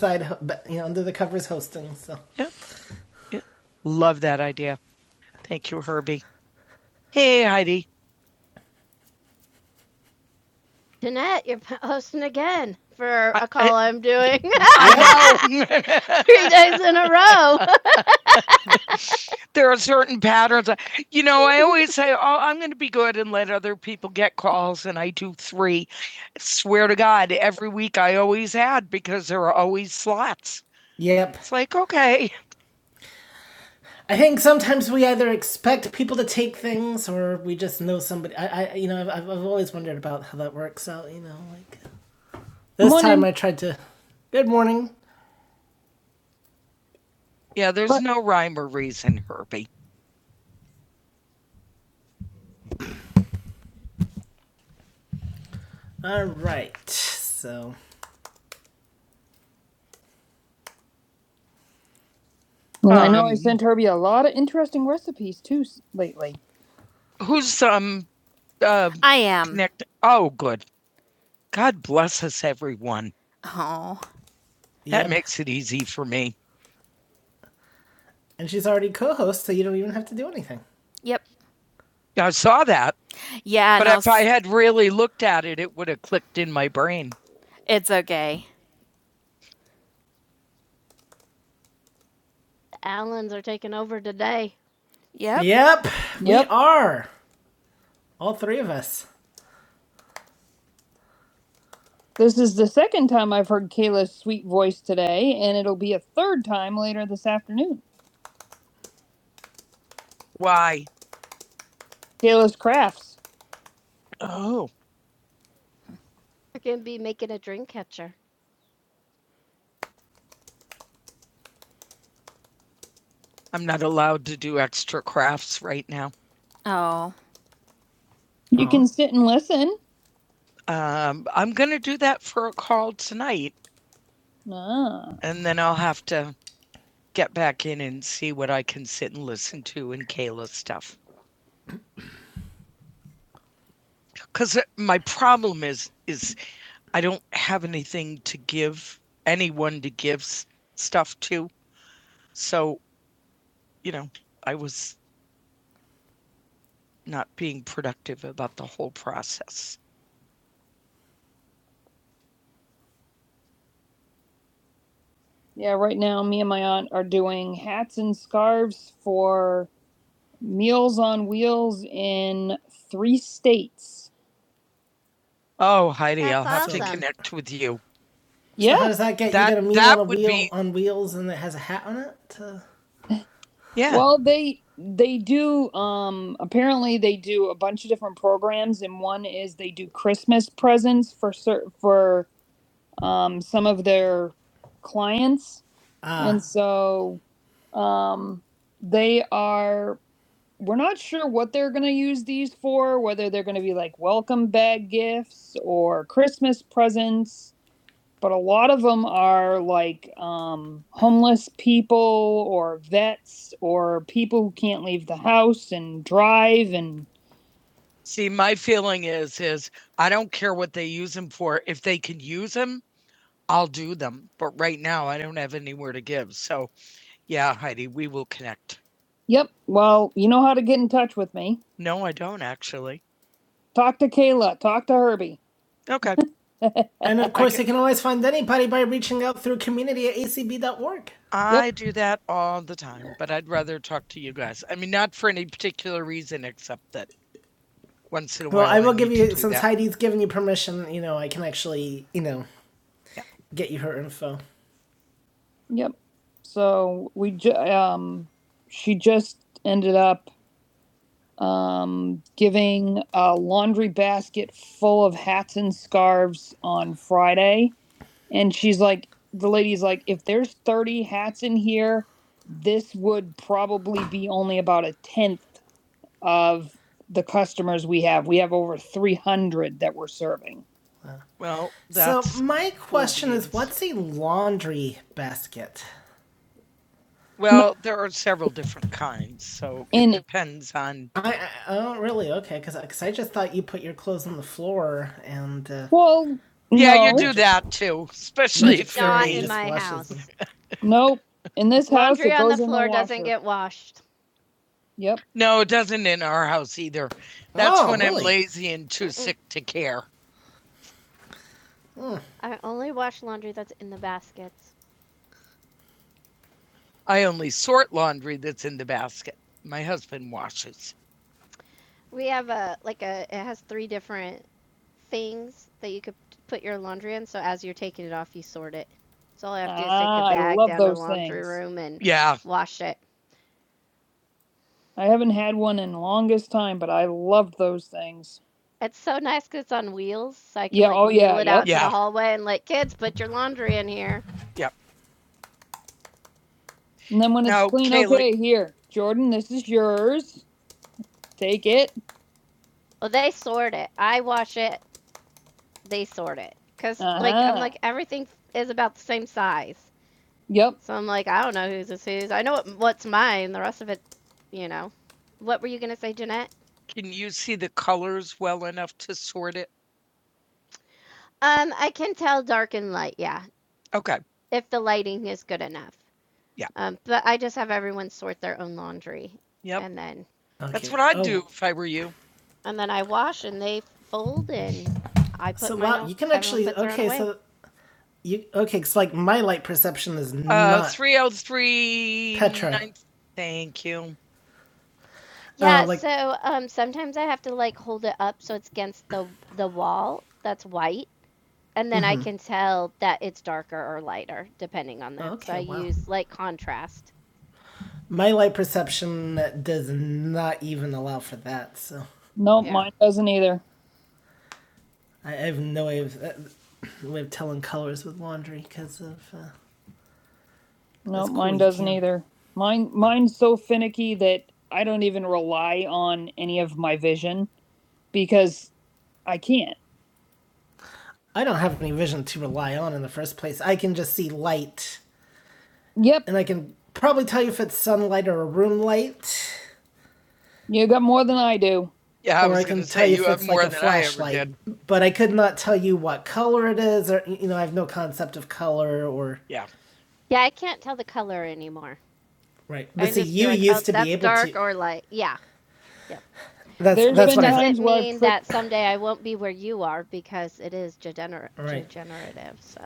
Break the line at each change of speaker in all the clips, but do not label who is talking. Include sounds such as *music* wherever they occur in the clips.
side, you know, under the covers hosting. So Yeah, yeah. Love that idea. Thank you, Herbie. Hey, Heidi. Jeanette, you're hosting again for a call I, am doing I know. *laughs* three days in a row. *laughs* there are certain patterns. You know, I always say, *laughs* "Oh, I'm going to be good and let other people get calls," and I do three. I Swear to God, every week I always add because there are always slots. yep. It's like, okay, I think sometimes we either expect people to take things or we just know somebody. I, I you know, I've, I've always wondered about how that works out. You know, like this Morning. time I tried to. Good morning. Yeah, there's but, no rhyme or reason, Herbie. All right. So Well, um, I know I Um, sent Herbie a lot of interesting recipes too lately. Who's um uh I am. connect? Oh, good. God bless us, everyone. Oh. That yep. makes it easy for me. and she's already co-host, so you don't even have to do anything. Yep. I saw that, Yeah, but no, if I had really looked at it, it would have clicked in my brain. it's okay. Allens are taking over today. Yep. Yep, yep. we Yep. are. All three of us. This is the second time I've heard Kayla's sweet voice today, and it'll be a third time later this afternoon. Why? Kayla's crafts. Oh, We're going to be making a dream catcher. I'm not allowed to do extra crafts right now. Oh. You Aw. can sit and listen. Um, I'm gonna do that for a call tonight, Ah. and then I'll have to get back in and see what I can sit and listen to and Kayla's stuff. Because my problem is, is I don't have anything to give anyone to give s- stuff to. So you know, I was not being productive about the whole process. Yeah, right now me and my aunt are doing hats and scarves for Meals on Wheels in three states. Oh, Heidi, That's I'll have to awesome. connect with you. So how Yeah. does that get That- you get a meal on a that would wheel be- on wheels and it has a hat on it? To... Yeah. Well, they they do um apparently they do a bunch of different programs and one is they do Christmas presents for cer- for um some of their clients. Ah, And Ah, so um, they are, we're not sure what they're going to use these for, whether they're going to be like welcome bag gifts or Christmas presents but a lot of them are like um, homeless people or vets or people who can't leave the house and drive and See, my feeling is is I don't care what they use them for. If they can use them, I'll do them. But right now, I don't have anywhere to give. So, yeah, Heidi, we will connect. yep well you know how to get in touch with me No, I don't actually. talk to kayla talk to herbie Okay. And of course, *laughs* you can always find anybody by reaching out through community at acb dot org. I yep. do that all the time, but I'd rather talk to you guys. I mean, not for any particular reason except that once in a Well, while. Well, I will I give you, since that. Heidi's given you permission, you know, I can actually, you know, get you her info. Yep. So we ju- um, she just ended up giving a laundry basket full of hats and scarves on Friday And she's like, the lady's like, if there's 30 hats in here, this would probably be only about a tenth of the customers we have. We have over 300 that we're serving. Well, that's So my cool question is, what's a laundry basket? Well, there are several different kinds, so it And- depends on. I, I oh really okay because because I just thought you put your clothes on the floor and uh, Well, Yeah, no, you no, do just that too, especially if you're Not in just my washes house. *laughs* them. Nope. In this house, Laundry it on the goes in the floor doesn't washer. get washed. Yep. No, it doesn't in our house either. That's Oh, when I'm really? lazy and too Mm-mm. sick to care. Hmm. I only wash laundry that's in the baskets. I only sort laundry that's in the basket. My husband washes. We have a like a it has three different things that you could put your laundry in. So as you're taking it off, you sort it. So all I have to do Ah, is take the bag down to the laundry things. room and Yeah. wash it. I haven't had one in the longest time, but I love those things. It's so nice 'cause it's on wheels, so I can Yeah, like oh, yeah, wheel it yep. out yeah. to Yeah. the hallway and like kids put your laundry in here. Yep. And then when it's Now, clean, Kaylee- okay, here, Jordan, this is yours. Take it. Well, they sort it. I wash it, they sort it because uh-huh. like I'm Uh-huh. like everything is about the same size. Yep. So I'm like, I don't know whose is whose. I know what, what's mine. The rest of it, you know. What were you gonna say, Jeanette? Can you see the colors well enough to sort it? Um, I can tell dark and light. Yeah, Okay. if the lighting is good enough. Yeah. Um, but I just have everyone sort their own laundry, Yep. and then Okay. That's Okay. what I'd Oh, do if I were you. and then I wash and they fold and I put. So mine wow, on- you can actually okay. So you okay? Because like my light perception is Uh, not. Uh, three out of three. Petra. nine- Thank you. Yeah, Yeah, like- so um, sometimes I have to like hold it up so it's against the the wall that's white, and then mm-hmm. I Mhm. can tell that it's darker or lighter depending on that. Okay, so Okay, I wow. use like contrast. My light perception does not even allow for that, so no, Yeah. mine doesn't either. I I have no way of, uh, way of telling colors with laundry because of uh, No, As cool mine as doesn't either. Mine mine's so finicky that I don't even rely on any of my vision because I can't. I don't have any vision to rely on in the first place. I can just see light, Yep, and I can probably tell you if it's sunlight or a room light, you got more than I do. Yeah, I or was I going can to say you you if it's like a flashlight. But I could not tell you what color it is, or you know, I have no concept of color or Yeah. Yeah, I can't tell the color anymore. Right. But i see, you like, used oh, to be able dark to. dark or light. Yeah. Yep. That's There's that's been what Times Doesn't mean click- that someday I won't be where you are because it is degener- Right. degenerative. So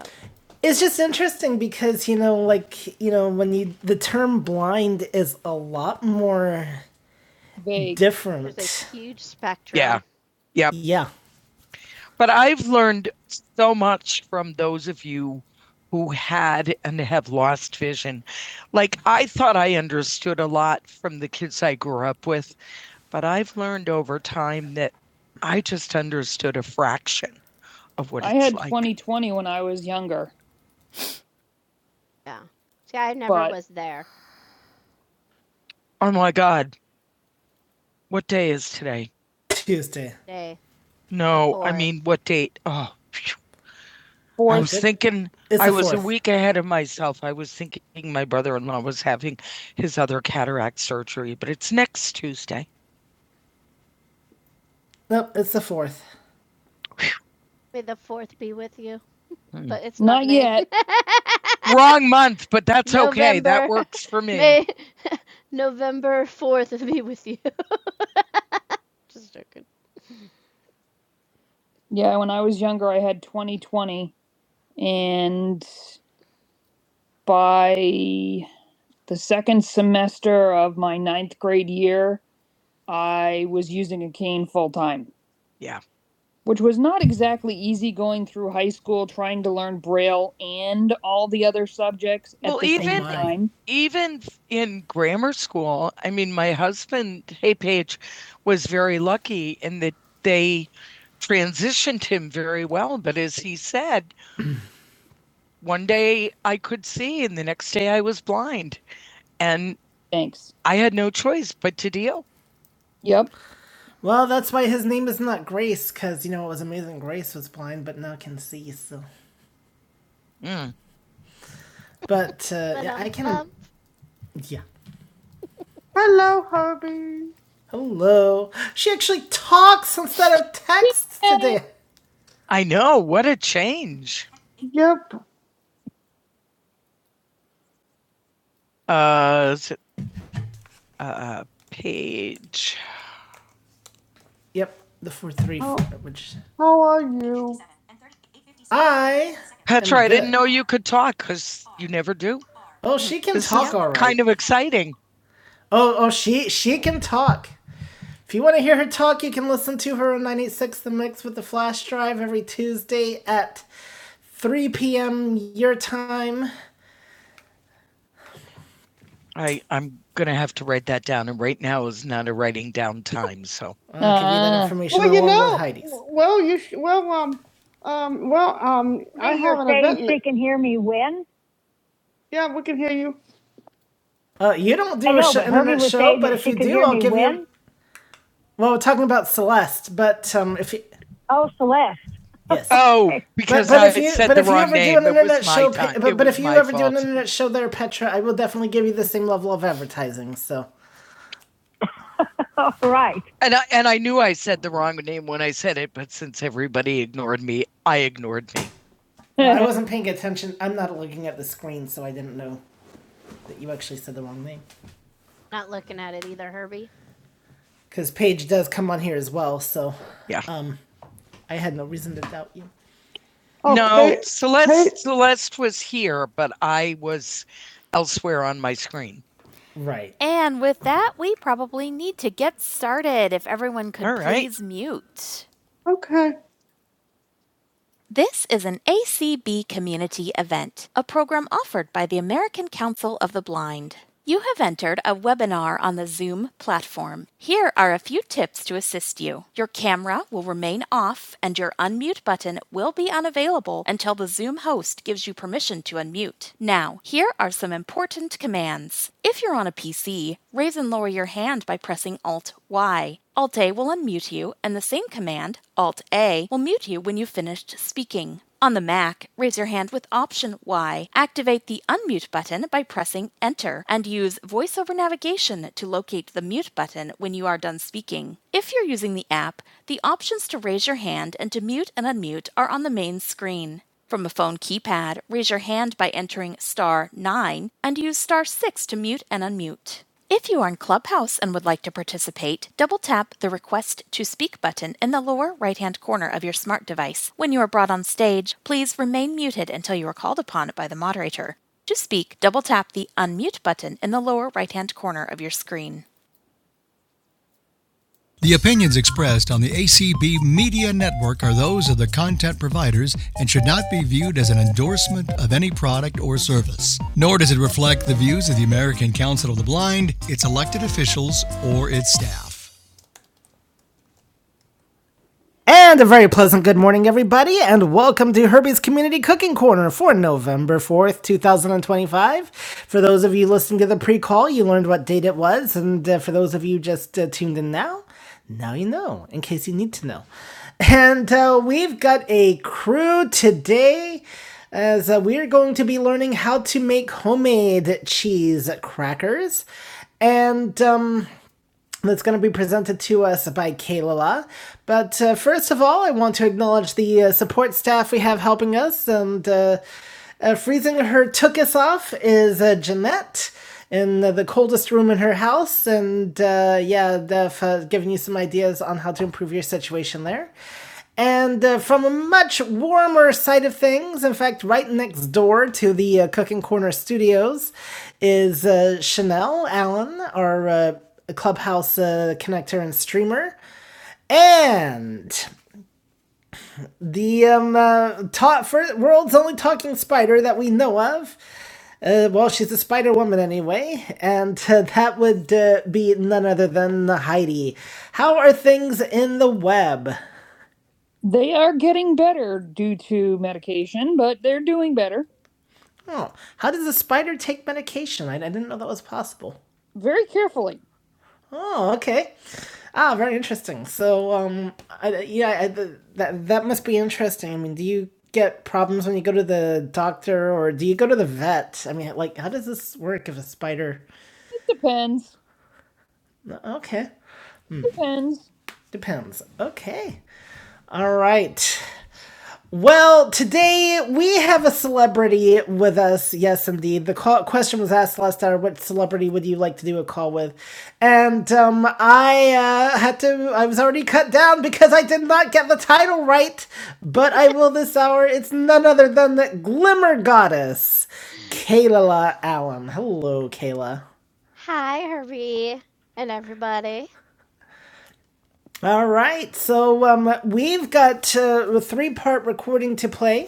It's just interesting because you know, like you know, when you the term blind is a lot more Vague. different. there's a huge spectrum. Yeah. Yep. Yeah. But I've learned so much from those of you who had and have lost vision. Like, I thought I understood a lot from the kids I grew up with, but I've learned over time that I just understood a fraction of what I it's like. I had like. 2020 when I was younger. Yeah, See, I never But- was there. Oh my God, what day is today? Tuesday. Day. No, Four. I mean, what date? Oh, phew. Fourth, I was thinking I the was fourth. a week ahead of myself. I was thinking my brother-in-law was having his other cataract surgery, but it's next Tuesday. Nope, it's the fourth. May the fourth be with you. Mm. But it's Not not, yet. *laughs* Wrong month, but that's November, okay. That works for me. May *laughs* November fourth be with you. *laughs* Just joking. Yeah, when I was younger, I had 2020, and by the second semester of my ninth grade year, I was using a cane full time. Yeah. Which was not exactly easy going through high school trying to learn Braille and all the other subjects at Well, the same even- same time. even in grammar school, I mean, my husband, Hey Page, was very lucky in that they transitioned him very well. But as he said, one day I could see, and the next day I was blind. And Thanks. I had no choice but to deal. Yep. Well, that's why his name is not Grace, because you know it was amazing. Grace was blind, but now can see. So, Mm. but uh, yeah, I can. Um, yeah. Hello, Harvey. Hello. She actually talks instead of texts today. I know. What a change. Yep. Uh, is it page? Yep, the four three four. oh. Which I. Petra, I didn't know you could talk because you never do. Oh, she can This talk is all right. kind of exciting. Oh, oh, she she can talk. If you want to hear her talk, you can listen to her on 986 The Mix with the Flash Drive every Tuesday at 3 p.m. your time. I I'm gonna have to write that down, and right now is not a writing down time. So *laughs* I'll give you that Ah. information uh, Well, along you know, with Heidi's. well, you sh- well, um, um, well, um, I have an event. say she can hear me when. Yeah, we can hear you. Uh, you don't do I a know, sh- but internet show, but if you do, I'll give when? you. Well, we're talking about Celeste, but um, if you, Oh, Yes. Oh, because but but I if you- said but the if you wrong you ever name. do an internet show, time. but, but if you my ever fault. do an internet show there, Petra, I will definitely give you the same level of advertising. So and I, and I knew I said the wrong name when I said it, but since everybody ignored me, I ignored me. *laughs* I wasn't paying attention. I'm not looking at the screen, so I didn't know that you actually said the wrong name. Got it either, Herbie. Because Paige does come on here as well, so Yeah. um, I had no reason to doubt you. Oh, no, they- Celeste they- Celeste was here, but I was elsewhere on my screen. Right. And with that, we probably need to get started. If everyone could All right. please mute. Okay. This is an ACB community event, a program offered by the American Council of the Blind. You have entered a webinar on the Zoom platform. Here are a few tips to assist you. Your camera will remain off and your unmute button will be unavailable until the Zoom host gives you permission to unmute. Now, here are some important commands. If you're on a PC, raise raise and lower your hand by pressing Alt Y. Alt A will unmute you, and the same command, Alt A, will mute you when you've finished speaking. On the Mac, raise your hand with Option Y. Activate the unmute button by pressing Enter and use voiceover navigation to locate the mute button when you are done speaking. If you're using the app, the options to raise your hand and to mute and unmute are on the main screen. From a phone keypad, raise your hand by entering star 9 and use star 6 to mute and unmute. If you are in Clubhouse and would like to participate, double tap the Request to Speak button in the lower right hand corner of your smart device. When you are brought on stage, please remain muted until you are called upon by the moderator. To speak, double tap the Unmute button in the lower right hand corner of your screen. The opinions expressed on the ACB Media Network are those of the content providers and should not be viewed as an endorsement of any product or service. Nor does it reflect the views of the American Council of the Blind, its elected officials, or its staff. And a very pleasant good morning, everybody, and welcome to Herbie's Community Cooking Corner for November 4th, 2025. For those of you listening to the pre call, you learned what date it was, and uh, for those of you just uh, tuned in now, now you know, in case you need to know. And uh, we've got a crew today as uh, we're going to be learning how to make homemade cheese crackers. And, um, that's going to be presented to us by Kalala. But uh, first of all, I want to acknowledge the uh, support staff we have helping us. And uh, uh, freezing her took us off is uh, Jeanette in the, the coldest room in her house. And uh, yeah, they've uh, given you some ideas on how to improve your situation there. And uh, from a much warmer side of things, in fact, right next door to the uh, Cooking Corner Studios is uh, Chanel Allen, our uh, Clubhouse uh, connector and streamer. And the um, uh, ta- fir- world's only talking spider that we know of. Uh, well, she's a spider woman anyway, and uh, that would uh, be none other than Heidi. How are things in the web? They are getting better due to medication, but they're doing better Oh, how does a spider take medication? I, I didn't know that was possible. very carefully. Oh, okay. Ah, very interesting. So, um, I, yeah, I, th- that that must be interesting. I mean, do you get problems when you go to the doctor, or do you go to the vet? I mean, like, how does this work if a spider? It Depends. Okay, Depends. depends. Okay, all right. Well, today we have a celebrity with us. Yes, indeed. The call, question was asked last hour: What celebrity would you like to do a call with? And um, I uh, had to. I was already cut down because I did not get the title right. But I will this hour. It's none other than the Glimmer Goddess, Kayla Allen. Hello, Kayla. Hi, Herbie and everybody. All right, so um, we've got uh, a three part recording to play.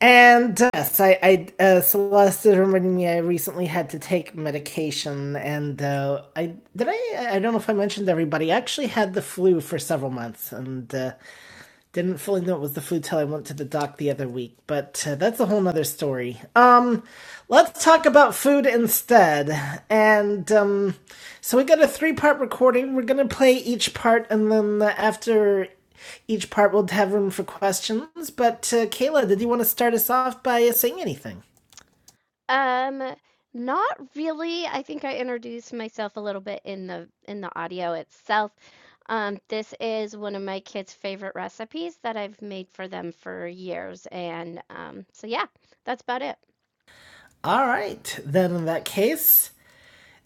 And uh, yes, I, I uh, Celeste reminded me I recently had to take medication, and uh, I did I I don't know if I mentioned everybody. I actually had the flu for several months, and uh, didn't fully know it was the flu till I went to the doc the other week, but uh, that's a whole nother story. Um, let's talk about food instead. And um, so we got a three part recording. We're gonna play each part, and then uh, after each part, we'll have room for questions. But uh, Kayla, did you want to start us off by uh, saying anything? Um, not really. I think I introduced myself a little bit in the in the audio itself. Um, this is one of my kids' favorite recipes that I've made for them for years, and um, so yeah, that's about it. All right, then in that case,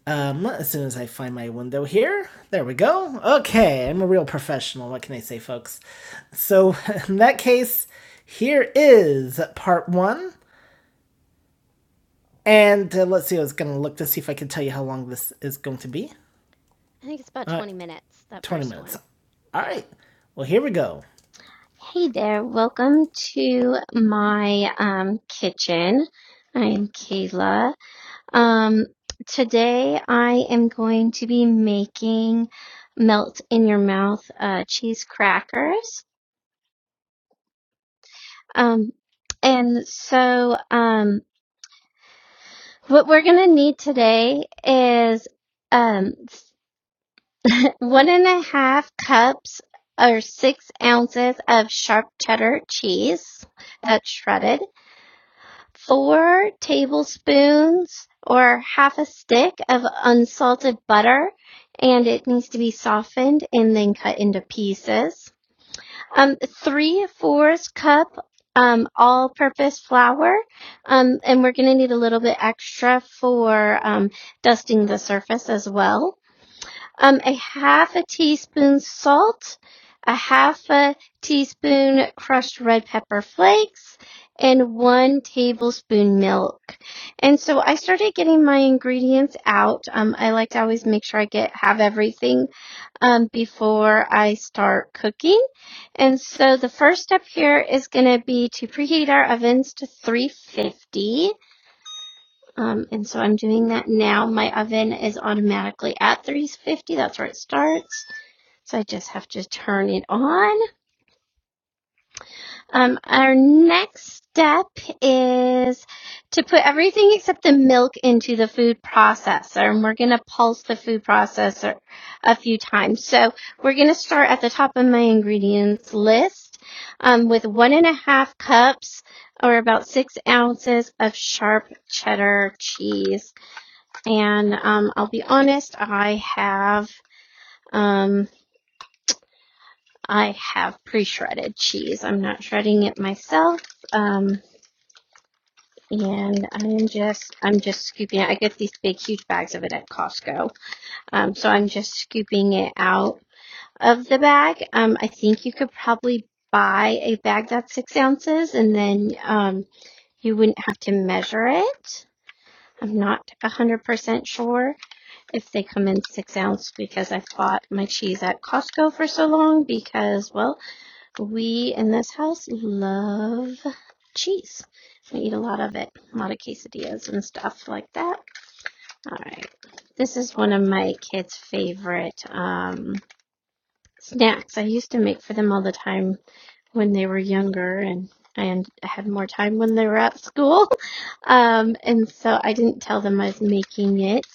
um, as soon as I find my window here, there we go. Okay, I'm a real professional. What can I say, folks? So *laughs* in that case, here is part one And uh, let's see, I was going to look to see if I can tell you how long this is going to be. I think it's about All right. 20 minutes. That 20 minutes. one. All right. Well, here we go. Hey there, welcome to my um, kitchen. I'm Kayla. Um, today I am going to be making melt in your mouth uh, cheese crackers. Um, and so, um, what we're going to need today is um, one and a half cups or six ounces of sharp cheddar cheese that's shredded, four tablespoons or half a stick of unsalted butter, and it needs to be softened and then cut into pieces. Um, three fourths cup um, all purpose flour, um, and we're going to need a little bit extra for um, dusting the surface as well um, a half a teaspoon salt, a half a teaspoon crushed red pepper flakes, and one tablespoon milk. And so I started getting my ingredients out. Um, I like to always make sure I get have everything um, before I start cooking. And so the first step here is going to be to preheat our ovens to 350 um, and so I'm doing that now. My oven is automatically at 350. That's where it starts. So I just have to turn it on. Um, our next step is to put everything except the milk into the food processor. And we're going to pulse the food processor a few times. So we're going to start at the top of my ingredients list um, with one and a half cups or about six ounces of sharp cheddar cheese and um, I'll be honest, I have um, I have pre-shredded cheese. I'm not shredding it myself, um, and I'm just I'm just scooping it. I get these big, huge bags of it at Costco, um, so I'm just scooping it out of the bag. Um, I think you could probably buy a bag that's six ounces, and then um, you wouldn't have to measure it. I'm not 100% sure. if they come in six ounce because I've bought my cheese at Costco for so long because, well, we in this house love cheese. We eat a lot of it, a lot of quesadillas and stuff like that. All right. This is one of my kids' favorite um, Snacks. I used to make for them all the time when they were younger and and I had more time when they were at school. *laughs* Um, and so I didn't tell them I was making it.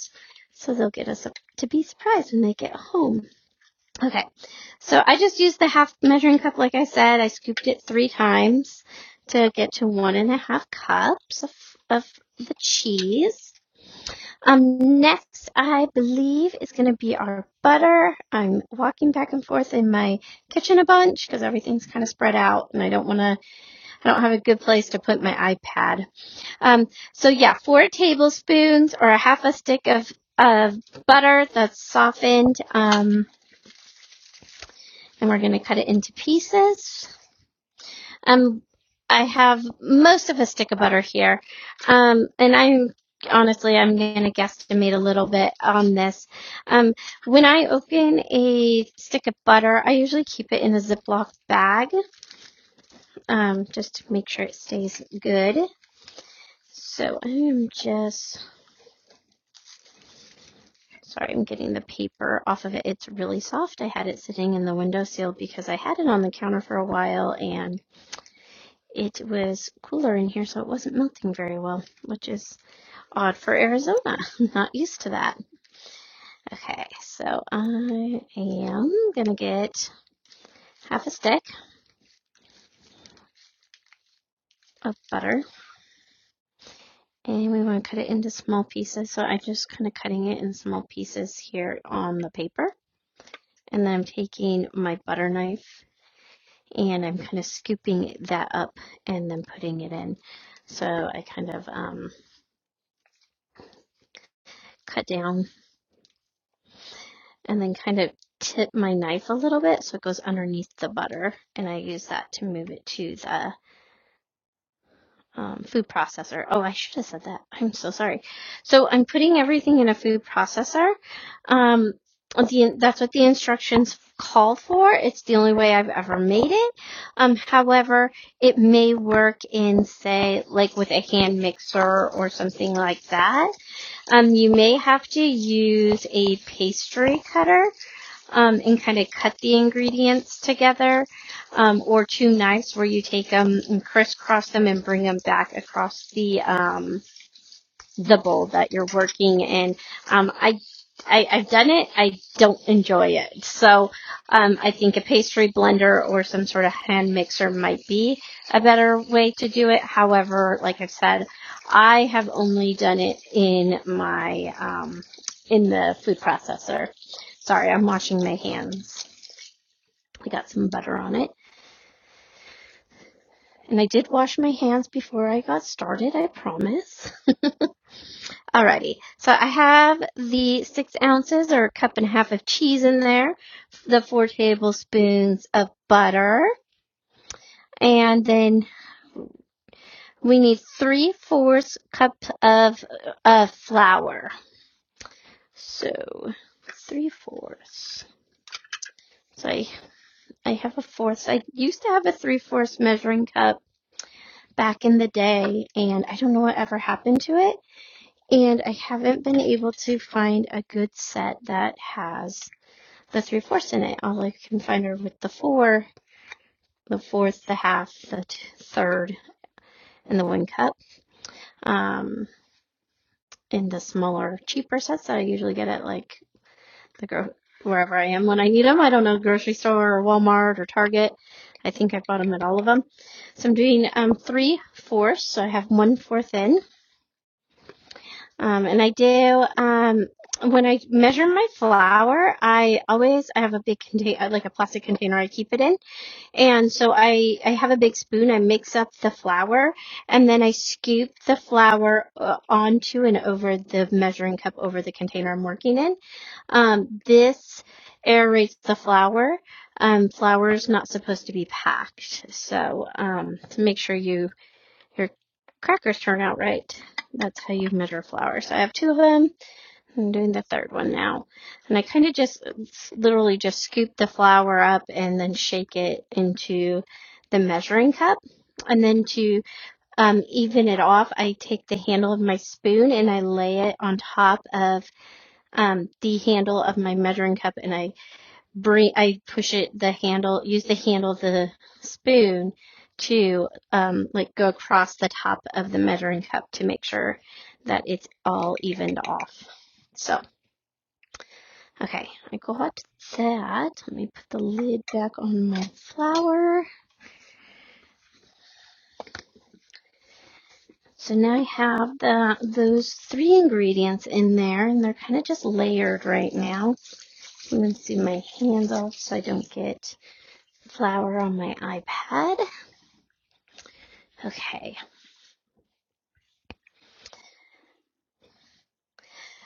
So they'll get us to be surprised when they get home. Okay. So I just used the half measuring cup like I said. I scooped it three times to get to one and a half cups of, of the cheese. Um, next, I believe is going to be our butter. I'm walking back and forth in my kitchen a bunch because everything's kind of spread out and I don't want to, I don't have a good place to put my iPad. Um, so yeah, four tablespoons or a half a stick of, of butter that's softened. Um, and we're going to cut it into pieces. Um, I have most of a stick of butter here. Um, and I'm honestly, I'm going to guesstimate a little bit on this. Um, when I open a stick of butter, I usually keep it in a Ziploc bag, um, just to make sure it stays good. So I am just, sorry, I'm getting the paper off of it. It's really soft. I had it sitting in the windowsill because I had it on the counter for a while and it was cooler in here, so it wasn't melting very well, which is Odd for Arizona. *laughs* I'm Not used to that. Okay, so I am gonna get half a stick of butter and we want to cut it into small pieces. So I'm just kind of cutting it in small pieces here on the paper. And then I'm taking my butter knife and I'm kind of scooping that up and then putting it in. So I kind of um, cut down and then kind of tip my knife a little bit so it goes underneath the butter. And I use that to move it to the um, food processor. Oh, I should have said that. I'm so sorry. So I'm putting everything in a food processor. Um, the, that's what the instructions called for. It's the only way I've ever made it. Um, however, it may work in, say, like with a hand mixer or something like that. Um, you may have to use a pastry cutter um, and kind of cut the ingredients together, um, or two knives where you take them and crisscross them and bring them back across the um, the bowl that you're working in. Um, I, I, I've done it. I don't enjoy it. So, um, I think a pastry blender or some sort of hand mixer might be a better way to do it. However, like I've said, I have only done it in my, um, in the food processor. Sorry, I'm washing my hands. I got some butter on it. And I did wash my hands before I got started, I promise. *laughs* Alrighty. So I have the six ounces or a cup and a half of cheese in there, the four tablespoons of butter, and then we need three fourths cup of uh, flour. So three fourths. So I, I have a fourth. I used to have a three fourths measuring cup back in the day, and I don't know what ever happened to it. And I haven't been able to find a good set that has the three fourths in it. All I can find are with the four, the fourth, the half, the t- third, and the one cup. Um, in the smaller, cheaper sets that I usually get at like the gro- wherever I am when I need them. I don't know, grocery store or Walmart or Target. I think I bought them at all of them. So I'm doing um, three fourths. So I have one fourth in, Um, and I do, um, when I measure my flour, I always, I have a big container, like a plastic container I keep it in. And so I, I have a big spoon. I mix up the flour and then I scoop the flour uh, onto and over the measuring cup over the container I'm working in. Um, this aerates the flour. Um, flour is not supposed to be packed. So, um, to make sure you your crackers turn out right. That's how you measure flour. So I have two of them. I'm doing the third one now. And I kind of just literally just scoop the flour up and then shake it into the measuring cup. And then to um, even it off, I take the handle of my spoon and I lay it on top of um, the handle of my measuring cup and I bring I push it the handle use the handle of the spoon to um, like go across the top of the measuring cup to make sure that it's all evened off. So okay, I got that. Let me put the lid back on my flour. So now I have the those three ingredients in there, and they're kind of just layered right now. I'm going to do my hands off so I don't get flour on my iPad. Okay,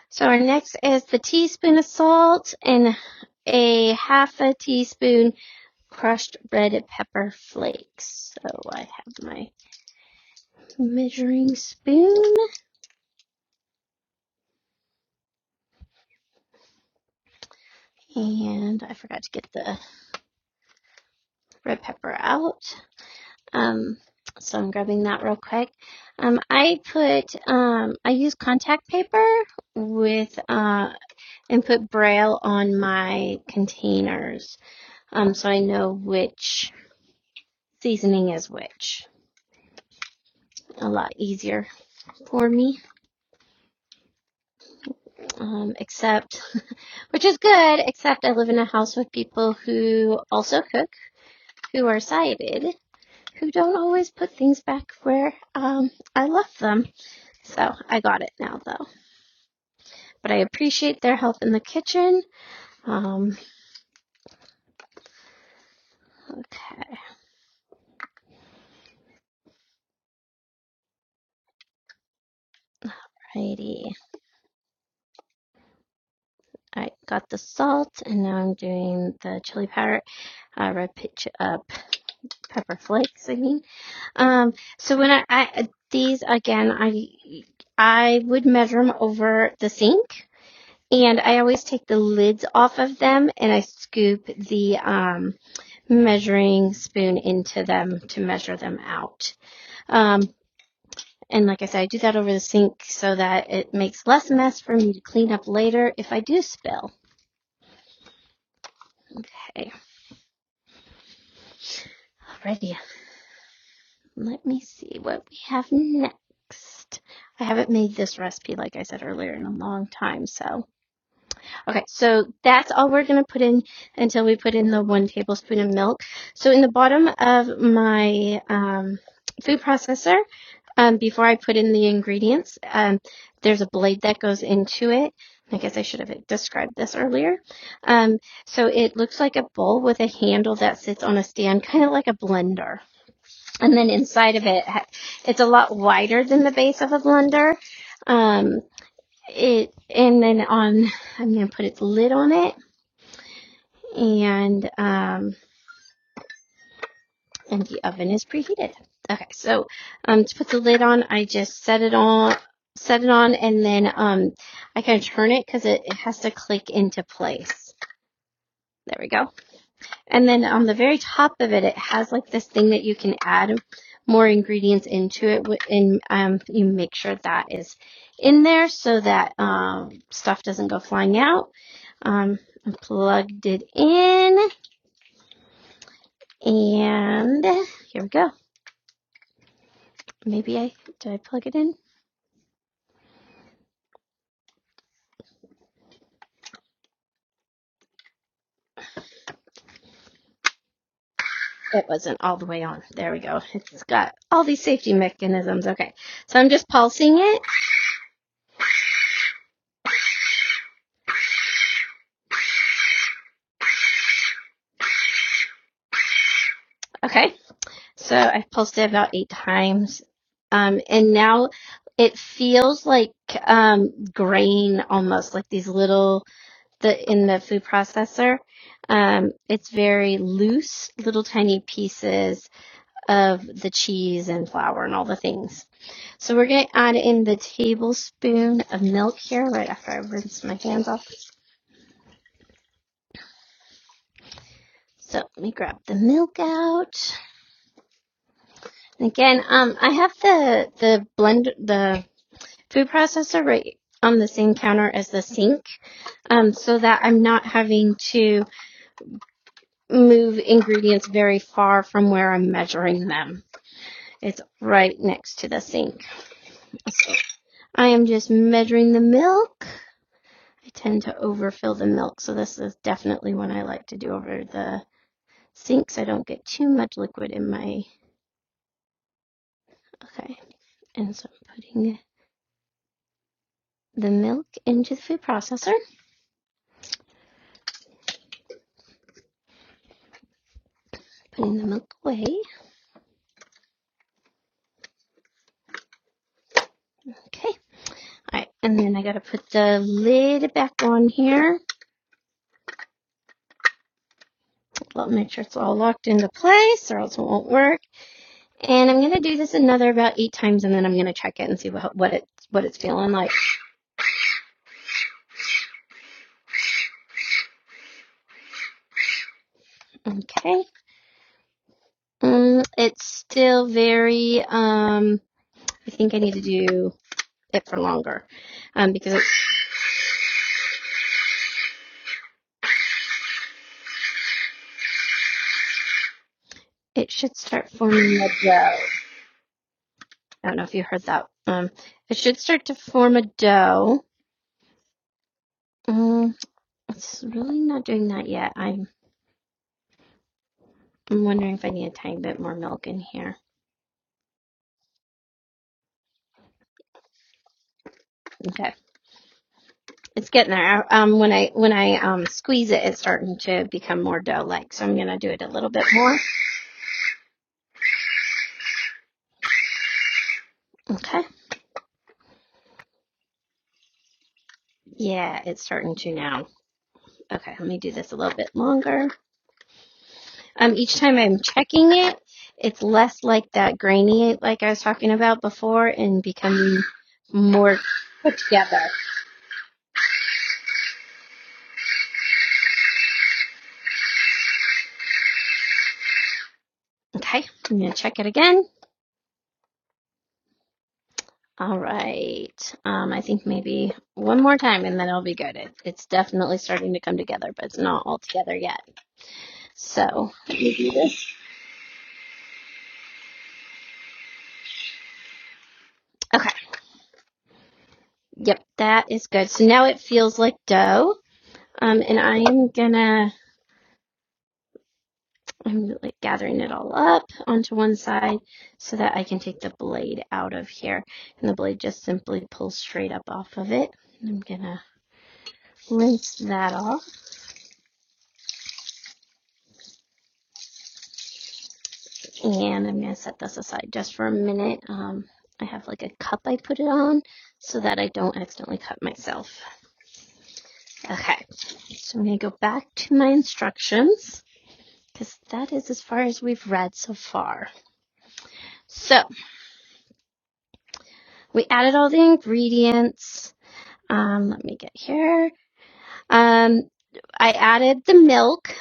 So our next is the teaspoon of salt and a half a teaspoon crushed red pepper flakes. So I have my measuring spoon and I forgot to get the red pepper out. Um, so I'm grabbing that real quick. Um, I put um, I use contact paper with uh, and put braille on my containers um, so I know which seasoning is which. a lot easier for me. Um, except, *laughs* which is good, except I live in a house with people who also cook, who are sighted, who don't always put things back where um, I left them. So I got it now though. But I appreciate their help in the kitchen. Um, okay, righty. I got the salt and now I'm doing the chili powder. I uh, red pitch up pepper flakes, I mean. Um, so when I, I these again, I I would measure them over the sink, and I always take the lids off of them, and I scoop the um, measuring spoon into them to measure them out. Um, and like I said, I do that over the sink so that it makes less mess for me to clean up later if I do spill. Okay. Alrighty, Let me see what we have next. I haven't made this recipe, like I said earlier, in a long time. So, okay, so that's all we're going to put in until we put in the one tablespoon of milk. So, in the bottom of my um, food processor, um, before I put in the ingredients, um, there's a blade that goes into it. I guess I should have described this earlier. Um, so it looks like a bowl with a handle that sits on a stand, kind of like a blender and then inside of it, it's a lot wider than the base of a blender. Um, it and then on, I'm gonna put its lid on it, and um, and the oven is preheated. Okay, so um, to put the lid on, I just set it on, set it on, and then um, I can turn it because it, it has to click into place. There we go. And then on the very top of it, it has like this thing that you can add more ingredients into it, and um, you make sure that is in there so that um, stuff doesn't go flying out. Um, I plugged it in, and here we go. Maybe I did I plug it in? It wasn't all the way on. There we go. It's got all these safety mechanisms. Okay, so I'm just pulsing it. Okay, so I've pulsed it about eight times. Um, and now it feels like um, grain almost, like these little the in the food processor. Um, it's very loose, little tiny pieces of the cheese and flour and all the things. So we're going to add in the tablespoon of milk here right after I rinse my hands off. So let me grab the milk out. Again, um, I have the the blend the food processor right on the same counter as the sink, um, so that I'm not having to move ingredients very far from where I'm measuring them. It's right next to the sink. I am just measuring the milk. I tend to overfill the milk, so this is definitely one I like to do over the sink, so I don't get too much liquid in my. Okay, and so I'm putting the milk into the food processor, putting the milk away. Okay. All right, and then I gotta put the lid back on here. I'll make sure it's all locked into place, or else it won't work. And I'm gonna do this another about eight times, and then I'm gonna check it and see what what it what it's feeling like. Okay, um, it's still very. Um, I think I need to do it for longer, um, because it, it should start forming a dough. I don't know if you heard that. Um, it should start to form a dough. Um, It's really not doing that yet. I'm I'm wondering if I need a tiny bit more milk in here. Okay, it's getting there. Um, when I when I um squeeze it, it's starting to become more dough-like. So I'm gonna do it a little bit more. Okay. Yeah, it's starting to now. Okay, let me do this a little bit longer. Um, each time I'm checking it, it's less like that grainy like I was talking about before, and becoming more put together. Okay, I'm gonna check it again. All right. Um, I think maybe one more time and then it'll be good. It, it's definitely starting to come together, but it's not all together yet. So let me do this. Okay. Yep, that is good. So now it feels like dough. Um, and I am gonna, I'm like gathering it all up onto one side so that I can take the blade out of here. And the blade just simply pulls straight up off of it. I'm gonna rinse that off. and I'm gonna set this aside just for a minute. Um, I have like a cup I put it on so that I don't accidentally cut myself. Okay, so I'm gonna go back to my instructions because that is as far as we've read so far. So we added all the ingredients. Um, let me get here. Um, I added the milk,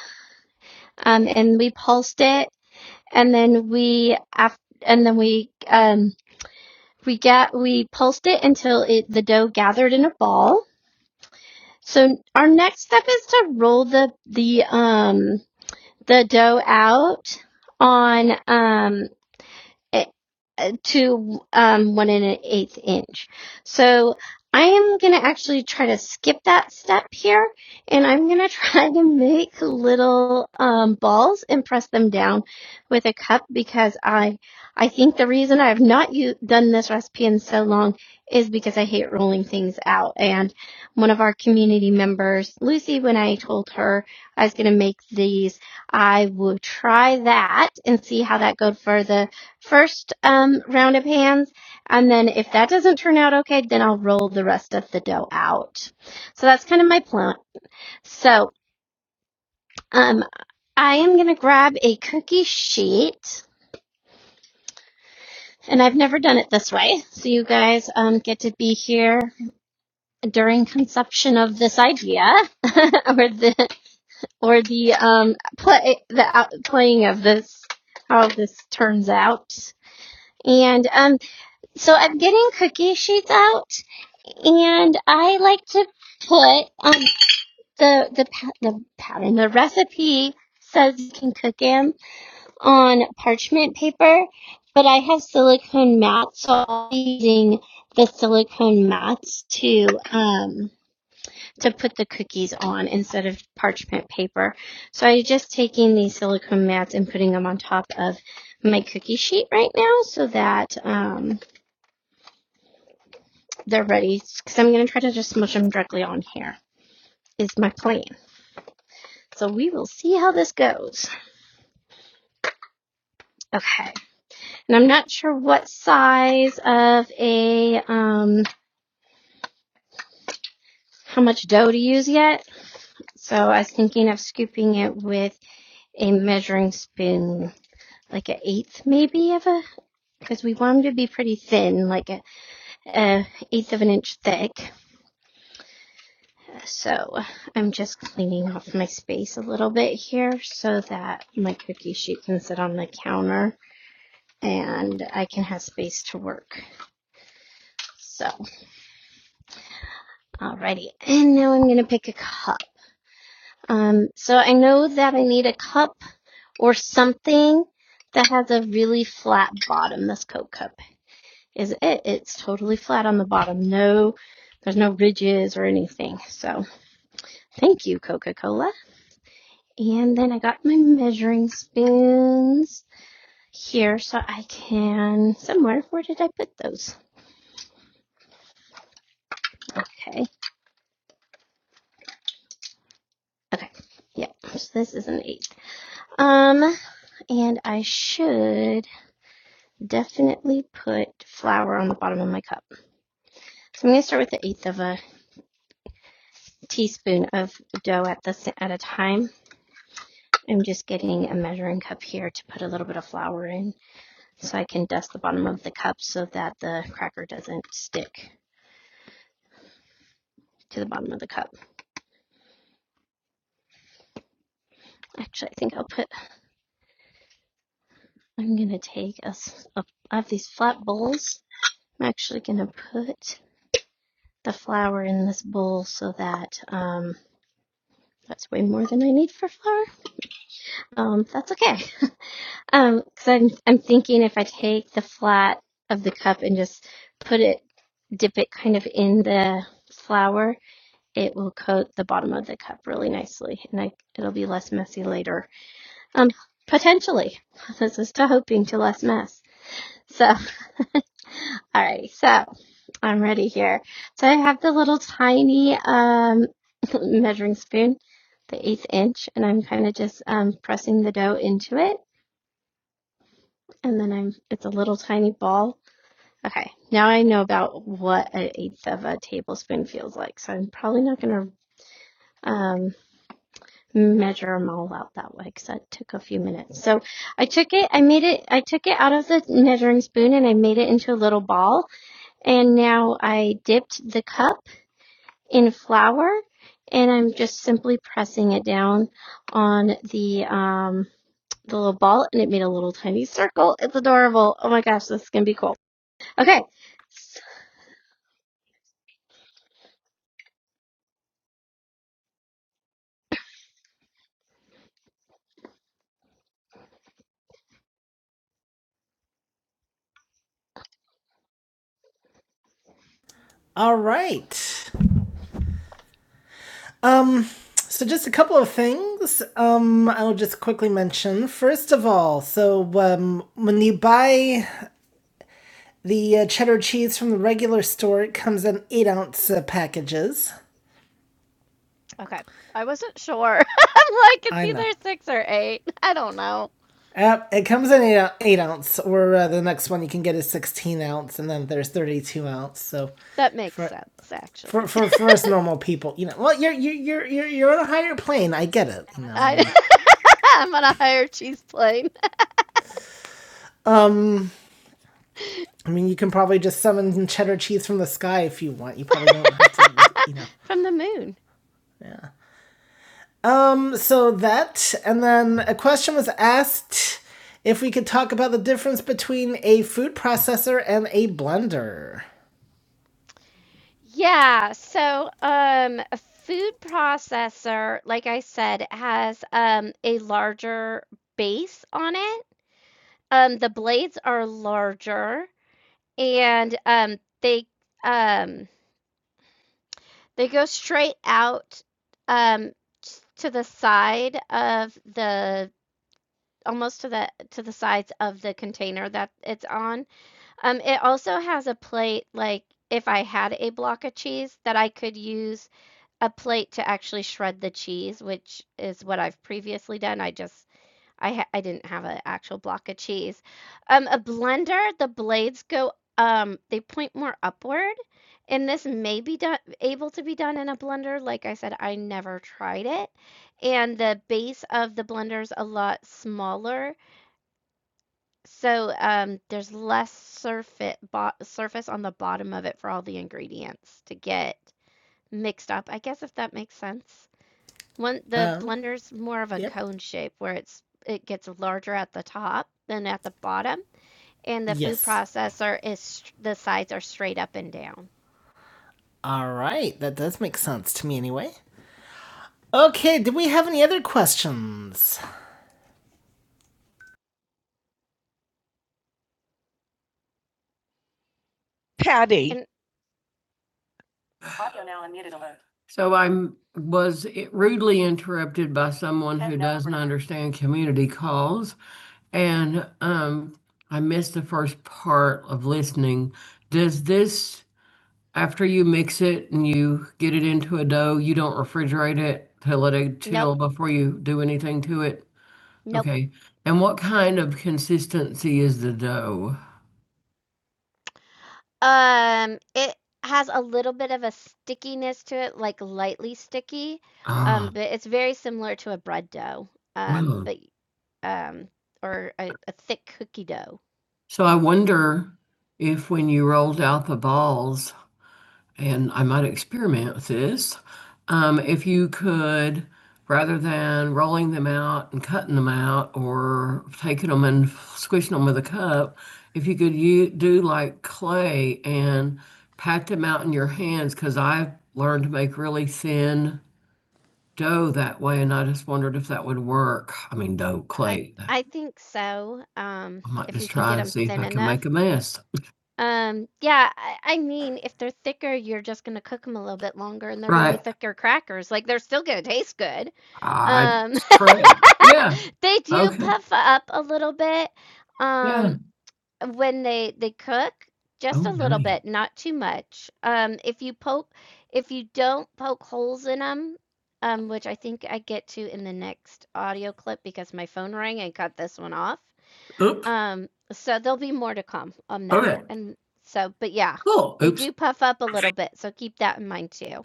um, and we pulsed it, and then we af- and then we um, We get, we pulsed it until it, the dough gathered in a ball. So our next step is to roll the, the, um, the dough out on, um, eh, eh, to um, one and an eighth inch. So I am going to actually try to skip that step here and I'm going to *laughs* try to make little um, balls and press them down with a cup because I, I think the reason I've not u- done this recipe in so long is because I hate rolling things out. And one of our community members, Lucy, when I told her I was going to make these, I would try that and see how that goes for the first um, round of hands. And then if that doesn't turn out okay, then I'll roll the rest of the dough out. So that's kind of my plan. So um, I am going to grab a cookie sheet. And I've never done it this way. So you guys um, get to be here during conception of this idea *laughs* or the or the um play the out, playing of this how this turns out. And um So I'm getting cookie sheets out, and I like to put um the the the pattern the recipe says you can cook them on parchment paper, but I have silicone mats, so I'll be using the silicone mats to um to put the cookies on instead of parchment paper. So I'm just taking these silicone mats and putting them on top of my cookie sheet right now so that um they're ready because I'm going to try to just smush them directly on here. Is my plan. So we will see how this goes. Okay. And I'm not sure what size of a um how much dough to use yet. So I was thinking of scooping it with a measuring spoon, like an eighth maybe of a because we want them to be pretty thin, like a, a eighth of an inch thick. So I'm just cleaning off my space a little bit here so that my cookie sheet can sit on the counter and I can have space to work. So, alrighty. And now I'm gonna pick a cup. Um, so I know that I need a cup or something that has a really flat bottom. This Coke cup is it. It's totally flat on the bottom. No, there's no ridges or anything. So thank you, Coca-Cola. And then I got my measuring spoons here so I can somewhere. Where did I put those? Okay. Okay. Yeah. So this is an eight. Um and I should definitely put flour on the bottom of my cup. So I'm going to start with the eighth of a teaspoon of dough at the at a time. I'm just getting a measuring cup here to put a little bit of flour in, so I can dust the bottom of the cup so that the cracker doesn't stick to the bottom of the cup. Actually, I think I'll put. I'm gonna take a s a- I have these flat bowls. I'm actually gonna put the flour in this bowl so that um that's way more than I need for flour. Um, that's okay. *laughs* Um, because I'm I'm thinking if I take the flat of the cup and just put it, dip it kind of in the flour, it will coat the bottom of the cup really nicely, and I it'll be less messy later. Um, potentially, *laughs* this is to hoping to less mess. So, *laughs* all right. So, I'm ready here. So I have the little tiny um *laughs* measuring spoon, the eighth inch, and I'm kind of just um pressing the dough into it, and then I'm it's a little tiny ball. Okay, now I know about what an eighth of a tablespoon feels like, so I'm probably not gonna um measure them all out that way because that took a few minutes. So I took it, I made it, I took it out of the measuring spoon and I made it into a little ball And now I dipped the cup in flour and I'm just simply pressing it down on the um the little ball and it made a little tiny circle. It's adorable. Oh my gosh, this is gonna be cool. Okay. So, All right. Um, so just a couple of things. Um, I'll just quickly mention. First of all, so um, when you buy the uh, cheddar cheese from the regular store, it comes in eight ounce uh, packages. Okay. I wasn't sure. *laughs* I'm like, it's I know. either not. six or eight. I don't know. Yep, it comes in eight, eight ounce, or uh, the next one you can get is 16 ounce, and then there's 32 ounce. So That makes For- sense, actually. for for, for *laughs* us normal people, you know, well, you're you're you're you're you're on a higher plane. I get it. You know? I, *laughs* I'm on a higher cheese plane. *laughs* um, I mean, you can probably just summon cheddar cheese from the sky if you want. You probably don't have to, *laughs* you know. From the moon. Yeah. Um, so that, and then a question was asked if we could talk about the difference between a food processor and a blender. Yeah. So, um, a food processor, like I said, has um, a larger base on it. Um, the blades are larger, and um, they um, they go straight out um, to the side of the almost to the to the sides of the container that it's on. Um, it also has a plate like if I had a block of cheese that I could use a plate to actually shred the cheese, which is what I've previously done. I just I ha- I didn't have an actual block of cheese. Um, a blender, the blades go um they point more upward. And this may be done, able to be done in a blender. Like I said, I never tried it. And the base of the blender is a lot smaller so, um, there's less surfa bo surface on the bottom of it for all the ingredients to get mixed up, I guess if that makes sense. One the Um, blender's more of a yep. cone shape where it's it gets larger at the top than at the bottom, and the food Yes. processor is st the sides are straight up and down. All right, that does make sense to me anyway. Okay, did we have any other questions? Patty, So I'm, was rudely interrupted by someone who doesn't understand community calls. And um, I missed the first part of listening. Does this, after you mix it and you get it into a dough, you don't refrigerate it till it chill before you do anything to it? Nope. Okay. And what kind of consistency is the dough? Um, it has a little bit of a stickiness to it, like lightly sticky, Ah, um, Ah. but it's very similar to a bread dough, um, Wow. but um, or a, a thick cookie dough. So I wonder if when you rolled out the balls, and I might experiment with this. Um, if you could, rather than rolling them out and cutting them out or taking them and squishing them with a cup, if you could you do like clay and pat them out in your hands, because I've learned to make really thin dough that way, and I just wondered if that would work. I mean, dough, I clay. I think so. Um, I might if you just you can try get and them see if thin I can enough. make a mess. Um, yeah, I I mean, if they're thicker, you're just gonna cook cook them a little bit longer, and they're gonna be Right. thicker crackers. Like, they're still gonna taste good. I Um, *laughs* correct. Yeah. they do Okay. puff up a little bit. Yeah. Um, Yeah. When they they cook, just Oh, a Oh, little nice. bit, not too much. Um, if you poke if you don't poke holes in 'em, um, which I think I get to in the next audio clip because my phone rang and cut this one off. Oop. Um, so there'll be more to come on that. Okay. And so but yeah, Cool. they Oops. do puff up a little bit, so keep that in mind too.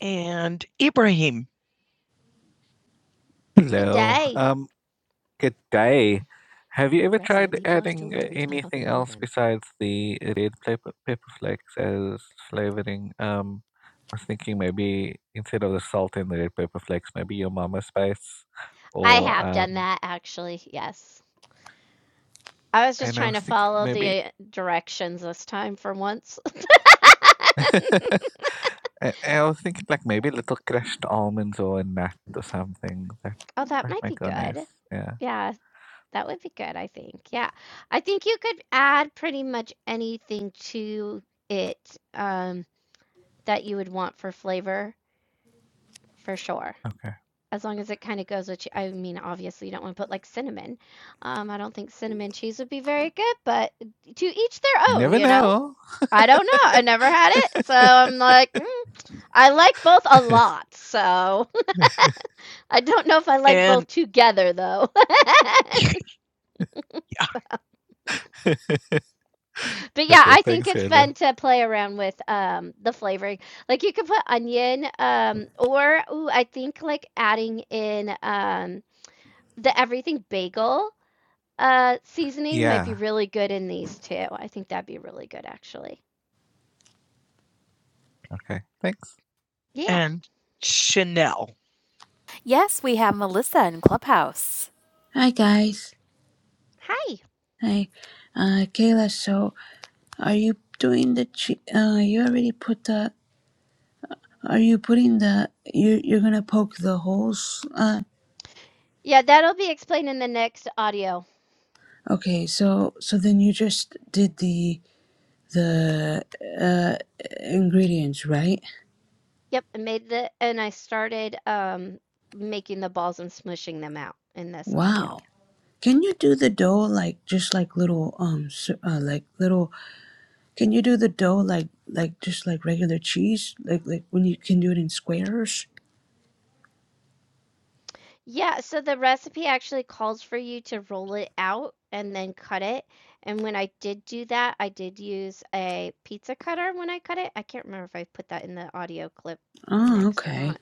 And Ibrahim. Hello. Good day. Um, good day. Have you ever Yes, tried really adding uh, anything else besides the red pepper, pepper flakes as flavoring? Um, I was thinking maybe instead of the salt and the red pepper flakes, maybe your mama spice I or have done um. that actually. Yes. I was just And I trying was to thinking follow maybe the directions this time for once. *laughs* *laughs* I, I was thinking like maybe little crushed almonds or a nut or something that Oh, that that might might be go nice. good. Yeah. Yeah, that would be good, I think, yeah. I think you could add pretty much anything to it, um, that you would want for flavor, for sure. Okay. As long as it kinda goes with che I mean, obviously, you don't wanna put, like, cinnamon. Um, I don't think cinnamon cheese would be very good, but to each their You own, never you know? know. I don't know, I never had it, so I'm like, *laughs* "Mm." I like both a lot, so *laughs* I don't know if I like both And *laughs* together, though. *laughs* But *laughs* yeah, Okay, I think thanks, it's Hannah. fun to play around with um the flavoring. Like you could put onion, um, or ooh, I think like adding in um the everything bagel uh seasoning might be Yeah. really good in these too. I think that'd be really good actually. Okay. Thanks. Yeah. and Chanel. Yes, we have Melissa in Clubhouse.
Hi guys.
Hi.
Hi, uh, Kayla. So, are you doing the? Chi- uh, you already put the. Are you putting the? You you're gonna poke the holes. Uh,
Yeah, that'll be explained in the next audio.
okay. So so then you just did the the uh, ingredients, right?
Yep, I made the and I started, um, making the balls and smushing them out in this
Wow.
audio.
Can you do the dough
So
like just like little um s- uh, like little? Can you do the dough like like just like regular cheese? Like like when you can do it in squares?
yeah, so the recipe actually calls for you to roll it out and then cut it, and when I did do that, I did use a pizza cutter when I cut it. I can't remember if I put that in the audio clip
Oh,
next or
okay.
not,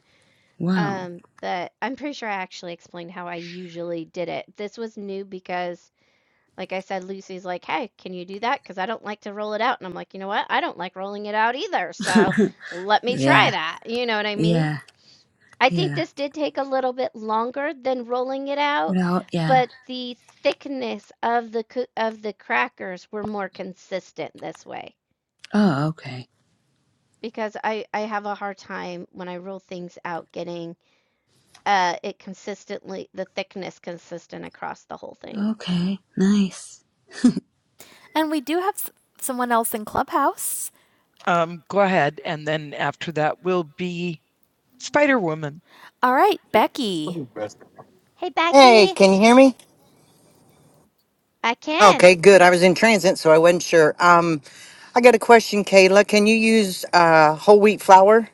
Wow.
um, but I'm pretty sure I actually explained how I usually did it. This was new because Like I said, Lucy's like, "Hey, can you do that? Because I don't like to roll it out." And I'm like, "You know what? I don't like rolling it out either,
*laughs*
so let me try
Yeah,
that." You know what I mean?
yeah,
I think
yeah.
this did take a little bit longer than rolling it out,
No, yeah.
but the thickness of the coo of the crackers were more consistent this way
Oh, okay.
because I I have a hard time when I roll things out getting, uh, it consistently the thickness consistent across the whole thing.
Okay, nice.
And we do have s someone else in Clubhouse. Um, go ahead, and then after that will be Spider Woman. All right, Becky. Hey,
Hey,
Becky,
can you hear me?
I can.
Okay, good. I was in transit, so I wasn't sure. Um, I got a question, Kayla. Can you use uh whole wheat flour?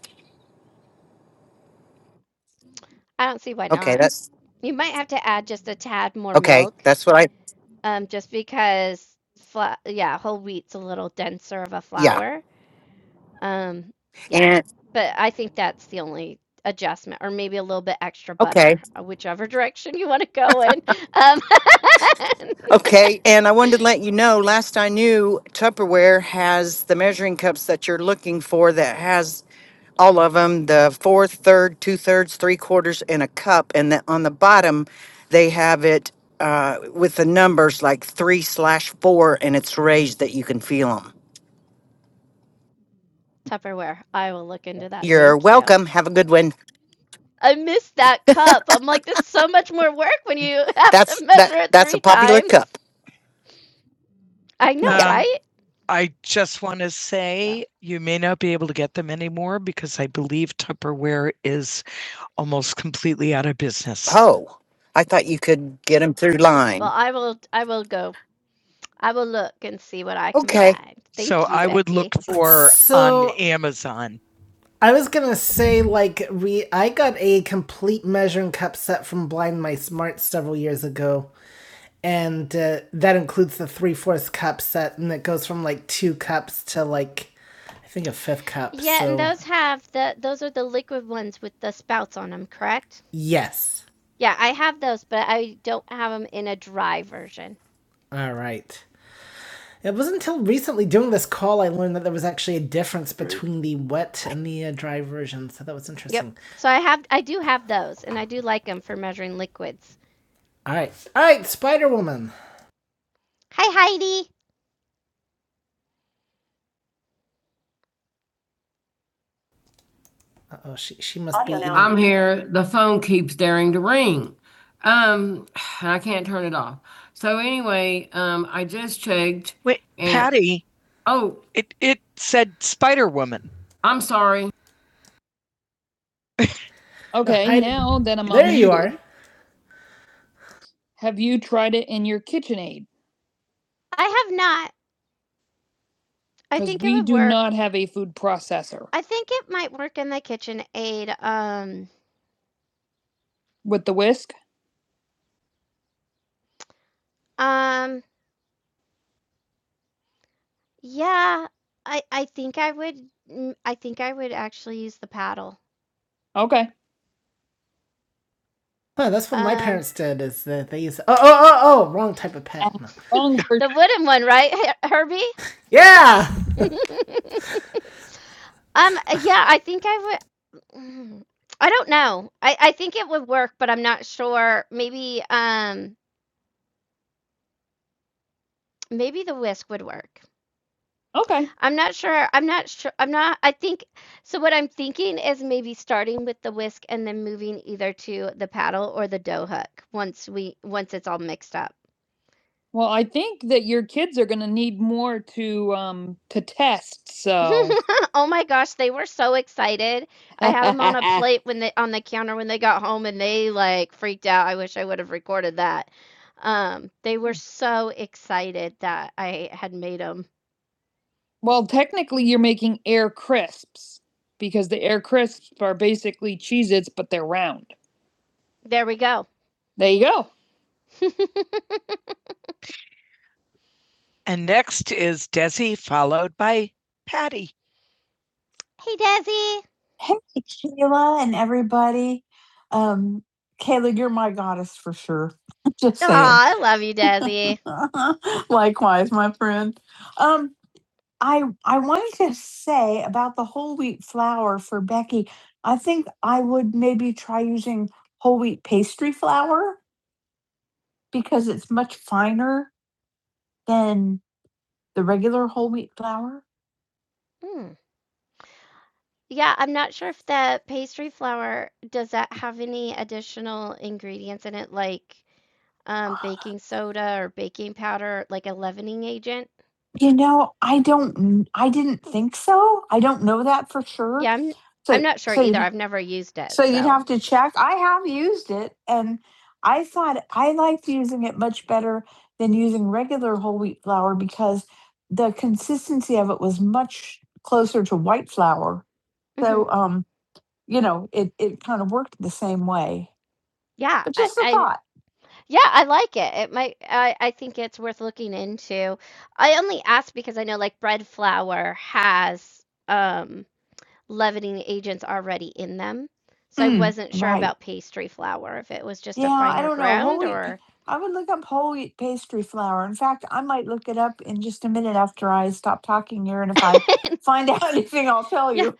I don't see why
Okay,
not.
that's
You might have to add just a tad more
okay.
milk,
That's what I
um, just because, fla- yeah, whole wheat's a little denser of a
yeah.
flour. Um, yeah,
And
but I think that's the only adjustment, or maybe a little bit extra
okay.
butter, uh, whichever *laughs* direction you want to go in. Um, *laughs*
Okay, and I wanted to let you know, last I knew, Tupperware has the measuring cups that you're looking for that has all of them, the fourth, third, two thirds, three quarters, and a cup. And then on the bottom, they have it uh, with the numbers like three slash four, and it's raised that you can feel them.
Tupperware, I will look into that.
You're
Thank you.
welcome. Have a good one.
I missed that cup. I'm like, this is so much more work when you *laughs* have to
That's
measure
that.
it
That's a
three
popular
times.
cup. *laughs*
I know, Um,
Yeah.
right? I just want to Yeah. say you may not be able to get them anymore because I believe Tupperware is almost completely out of business.
Oh, I thought you could get them through
Well,
line.
I will. I will go. I will look and see what I can
Okay.
find. Thank so Thank you, I would look Becky. for So- on So Amazon. I was gonna say like we I got a complete measuring cup set from Blind Mice Smart several years ago, and uh, that includes the three fourths cup set, and it goes from like two cups to like I think a fifth cup. Yeah, so- and those have the those are the liquid ones with the spouts on them, correct? Yes. Yeah, I have those, but I don't have them in a dry version. All right. It wasn't until recently doing this call I learned that there was actually a difference between the wet and the uh, dry version, so that was interesting. Yep. So I have I do have those, and I do like them for measuring liquids. All right. All right, Spider Woman. Hi, Heidi. Uh-oh, she, she must be. I'm here. The phone keeps daring to ring. Um, and I can't turn it off. So anyway, um, I just checked. Wait, and- Patty, Oh, it, it said Spider Woman. I'm sorry. Okay, I- now that I'm on There on you are. Have you tried it in your KitchenAid? I have not. I think it would work. we do not have a food processor I think it might work in the kitchen aid. Um, with the whisk. um, Yeah, I I think I would mm, I think I would actually use the paddle. Okay. Huh, that's what my Um, parents did. Is that they used oh oh oh oh wrong type of pet. And No. Wrong *laughs* person. The wooden one, right, *laughs* Herbie? Yeah. *laughs* Um, yeah, I think I would. Mm, I don't know. I I think it would work, but I'm not sure. Maybe um maybe the whisk would work. Okay. I'm not sure. I'm not sure. I'm not. I think so. What I'm thinking is maybe starting with the whisk and then moving either to the paddle or the dough hook once we once it's all mixed up. Well, I think that your kids are going to need more to um to test. So, *laughs* oh my gosh, they were so excited. I had them on a *laughs* plate when they on the counter when they got home and they like freaked out. I wish I would have recorded that. Um, they were so excited that I had made them. Well, technically, you're making air crisps because the air crisps are basically Cheez Its, but they're round. There we go. There you go. *laughs* And next is Desi, followed by Patty. Hey, Desi. Hey, Kayla and everybody. Um, Kayla, you're my goddess for sure. *laughs* Just Aw, saying. Aw, I love you, Desi. *laughs* Likewise, my friend. Um, I I wanted to say about the whole wheat flour for Becky. I think I would maybe try using whole wheat pastry flour because it's much finer than the regular whole wheat flour. Mm. Yeah, I'm not sure if the pastry flour does that have any additional ingredients in it, like, um, *sighs* Ah. baking soda or baking powder, like a leavening agent? You know, I don't kn I didn't think so. I don't know that for sure. Yeah, I'm I'm So not sure so either, you'd I've never used it, so you'd so have to check. I have used it, and I thought I liked using it much better than using regular whole wheat flour because the consistency of it was much closer to white flour. Mm-hmm. So, um, you know, it it kind of worked the same way. Yeah, But I, just a I thought. yeah, I like it. It might I, I think it's worth looking into. I only asked because I know like bread flour has um leavening agents already in them. So I Mm, wasn't sure right. about pastry flour, if it was just a Yeah, I finer don't know. Whole ground wheat. or I would look up whole wheat pastry flour. In fact, I might look it up in just a minute after I stop talking here. And if I *laughs* find out *laughs* anything, I'll tell yeah, you.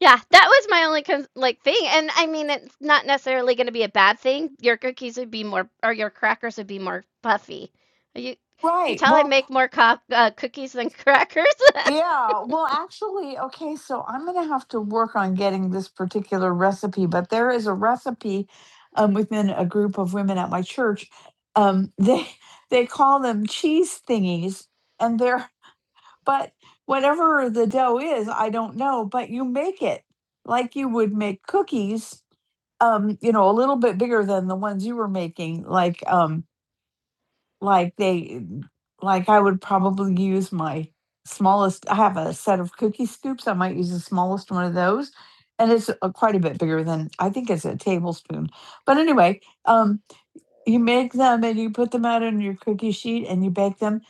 Yeah, that was my only con- like thing, and I mean it's not necessarily going to be a bad thing. Your cookies would be more, or your crackers would be more puffy. You you Right. tell I Well, make more co- uh, cookies than crackers. *laughs* yeah. Well, actually, okay, so I'm going to have to work on getting this particular recipe, but there is a recipe um, within a group of women at my church. Um, they *laughs* they call them cheese thingies, and they're but whatever the dough is, I don't know, but you make it like you would make cookies, um, you know, a little bit bigger than the ones you were making, like, um, like they mm, like I would probably use my smallest I have a set of cookie scoops, I might use the smallest one of those, and it's, uh, quite a bit bigger than I think it's a tablespoon. But anyway, um you make them and you put them out on your cookie sheet and you bake them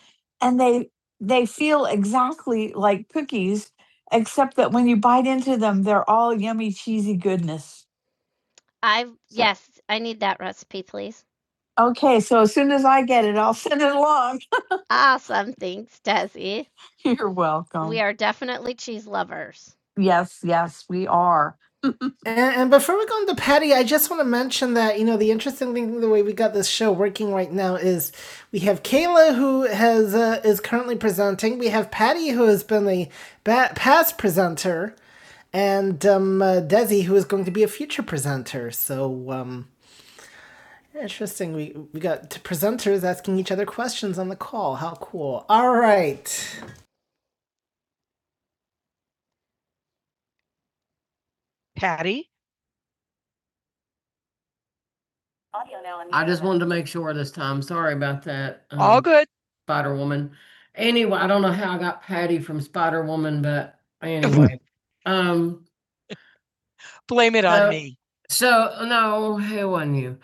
and they they feel exactly like cookies except that when you bite into them they're all yummy cheesy goodness I so yes, I need that recipe, please. Okay, so as soon as I get it, I'll *laughs* send it along. *laughs* Awesome. Thanks, Desi. *laughs* You're welcome. We welcome. are definitely cheese lovers. Yes, yes, we are. *laughs* And, and before we go into Patty, I just want to mention that, you know, the interesting thing, the way we got this show working right now is we have Kayla, who has uh, is currently presenting. We have Patty, who has been a ba- past presenter. And um, uh, Desi, who is going to be a future presenter. So, um, Interesting. We we got presenters asking each other questions on the call. How cool! All right. Patty, I just wanted to make sure this time. Sorry about that. um, all good. Spider Woman. Anyway, I don't know how I got Patty from Spider Woman, but anyway. *laughs* um, Blame it on Uh, me. So, no, it wasn't you.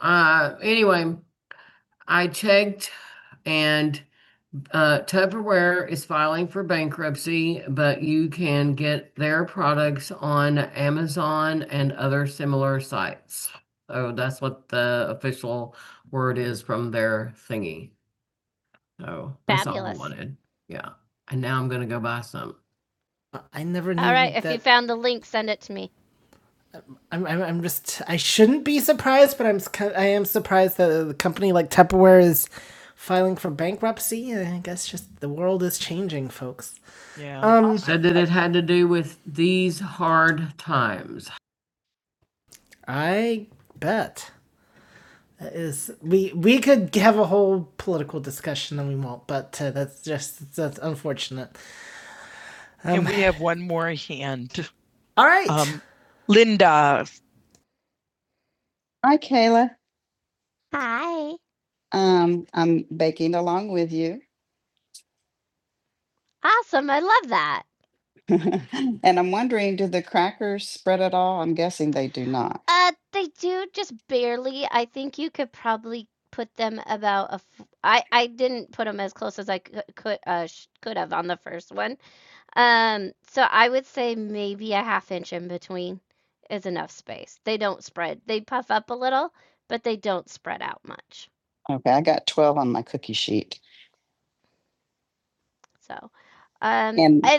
Uh, anyway, I checked and uh, Tupperware is filing for bankruptcy, but you can get their products on Amazon and other similar sites. So that's what the official word is from their thingy. So that's all I wanted. Yeah. And now I'm gonna go buy some. I- never knew. All right, That... if you found the link, send it to me. I'm, I'm, I'm just I shouldn't be surprised, but I'm s- i am I am surprised that the company like Tupperware is filing for bankruptcy. I guess just the world is changing, folks. Yeah. Um, Said that it had to do with these hard times. I bet that is we we could have a whole political discussion and we won't, but uh, that's just that's unfortunate. Um, and we have one more hand. *laughs* All right, Um, Linda, Hi, Kayla. Hi. Um, I'm baking along with you. Awesome. I love that. *laughs* And I'm wondering, do the crackers spread at all? I'm guessing they do not. Uh, they do just barely. I think you could probably put them about a. F- I I didn't put them as close as I could could uh sh- could have on the first one. Um, so I would say maybe a half inch in between is enough space. They don't spread. They puff up a little, but they don't spread out much. Okay, I got 12 on my cookie sheet. So, um, And and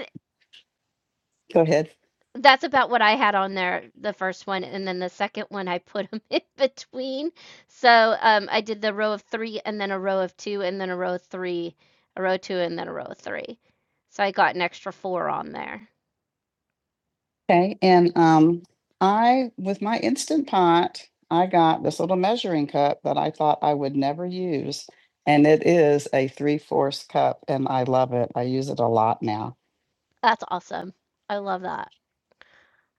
Go ahead. that's about what I had on there, the first one, and then the second one I put them *laughs* in between. So um, I did the row of three, and then a row of two, and then a row of three, a row of two, and then a row of three. So I got an extra four on there. Okay, and um, I, with my Instant Pot, I got this little measuring cup that I thought I would never use. And it is a three-fourths cup and I love it. I use it a lot now. That's awesome. I love that.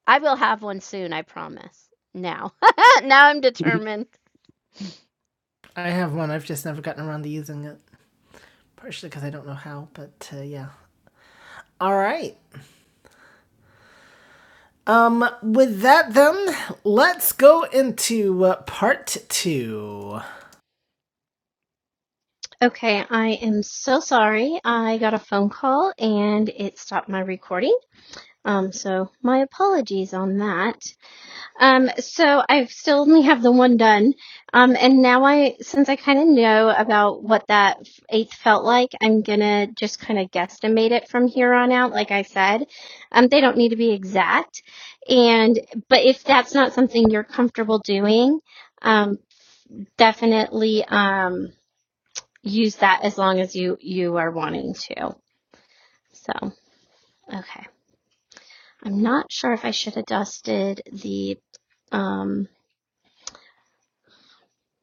I will have one soon, I promise. Now. *laughs* now I'm determined. *laughs* I have one. I've just never gotten around to using it, partially because I don't know how. But uh, yeah. All right. Um. With that, then let's go into uh, part two. Okay, I am so sorry. I got a phone call and it stopped my recording. Um, so my apologies on that. Um, so I've still only have the one done. Um, and now I, since I kind of know about what that eighth felt like, I'm gonna just kind of guesstimate it from here on out. Like I said, um, they don't need to be exact. And, but if that's not something you're comfortable doing, um, definitely, um, use that as long as you, you are wanting to. So, okay. I'm not sure if I should have dusted the, um,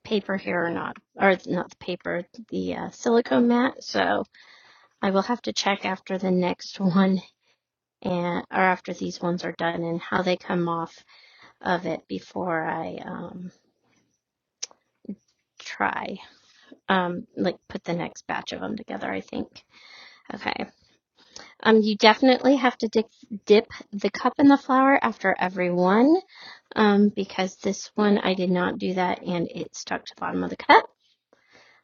paper here or not, or not the paper, the uh, silicone mat. So I will have to check after the next one and or after these ones are done and how they come off of it before I um, try um, like put the next batch of them together. I think. Okay. Um, you definitely have to dip, dip the cup in the flour after every one um, because this one I did not do that and it stuck to the bottom of the cup.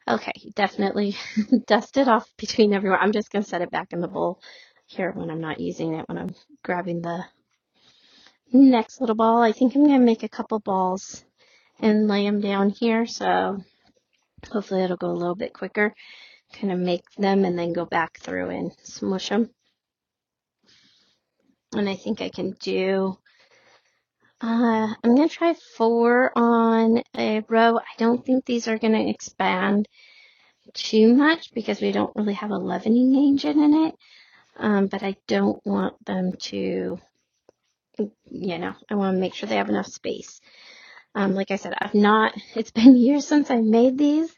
Okay, definitely *laughs* dust it off between everyone. I'm just gonna set it back in the bowl here when I'm not using it, when I'm grabbing the next little ball. I think I'm gonna make a couple balls and lay them down here, so hopefully it'll go a little bit quicker. Kind of make them and then go back through and smush them. And I think I can do, uh, I'm gonna try four on a row. I don't think these are gonna expand too much because we don't really have a leavening agent in it um, but I don't want them to, you know, I want to make sure they have enough space. Um, like I said, I've not, *laughs* it's been years since I made these,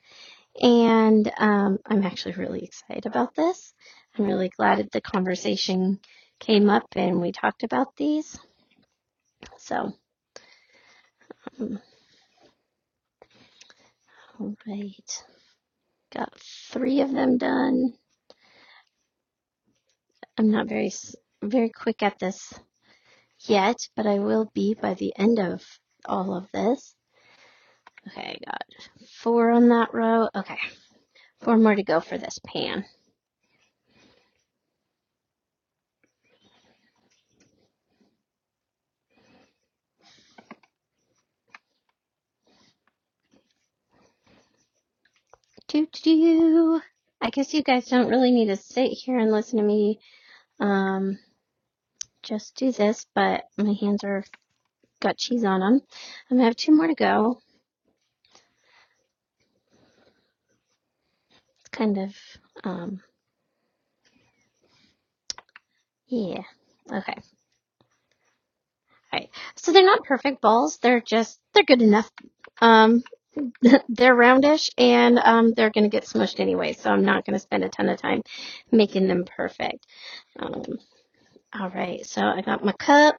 and um, I'm actually really excited about this. I'm really glad that the conversation came up and we talked about these. So, um, all right, got three of them done. I'm not very, very quick at this yet, but I will be by the end of all of this. Okay, got four on that row. Okay, four more to go for this pan. Do do do. I guess you guys don't really need to sit here and listen to me um, just do this, but my hands are got cheese on them. I'm gonna have two more to go. It's kind of, um, yeah. Okay, all right. So they're not perfect balls. They're just they're good enough. Um, *laughs* they're roundish, and um, they're gonna get smushed anyway. So I'm not gonna spend a ton of time making them perfect. Um. All right, so I got my cup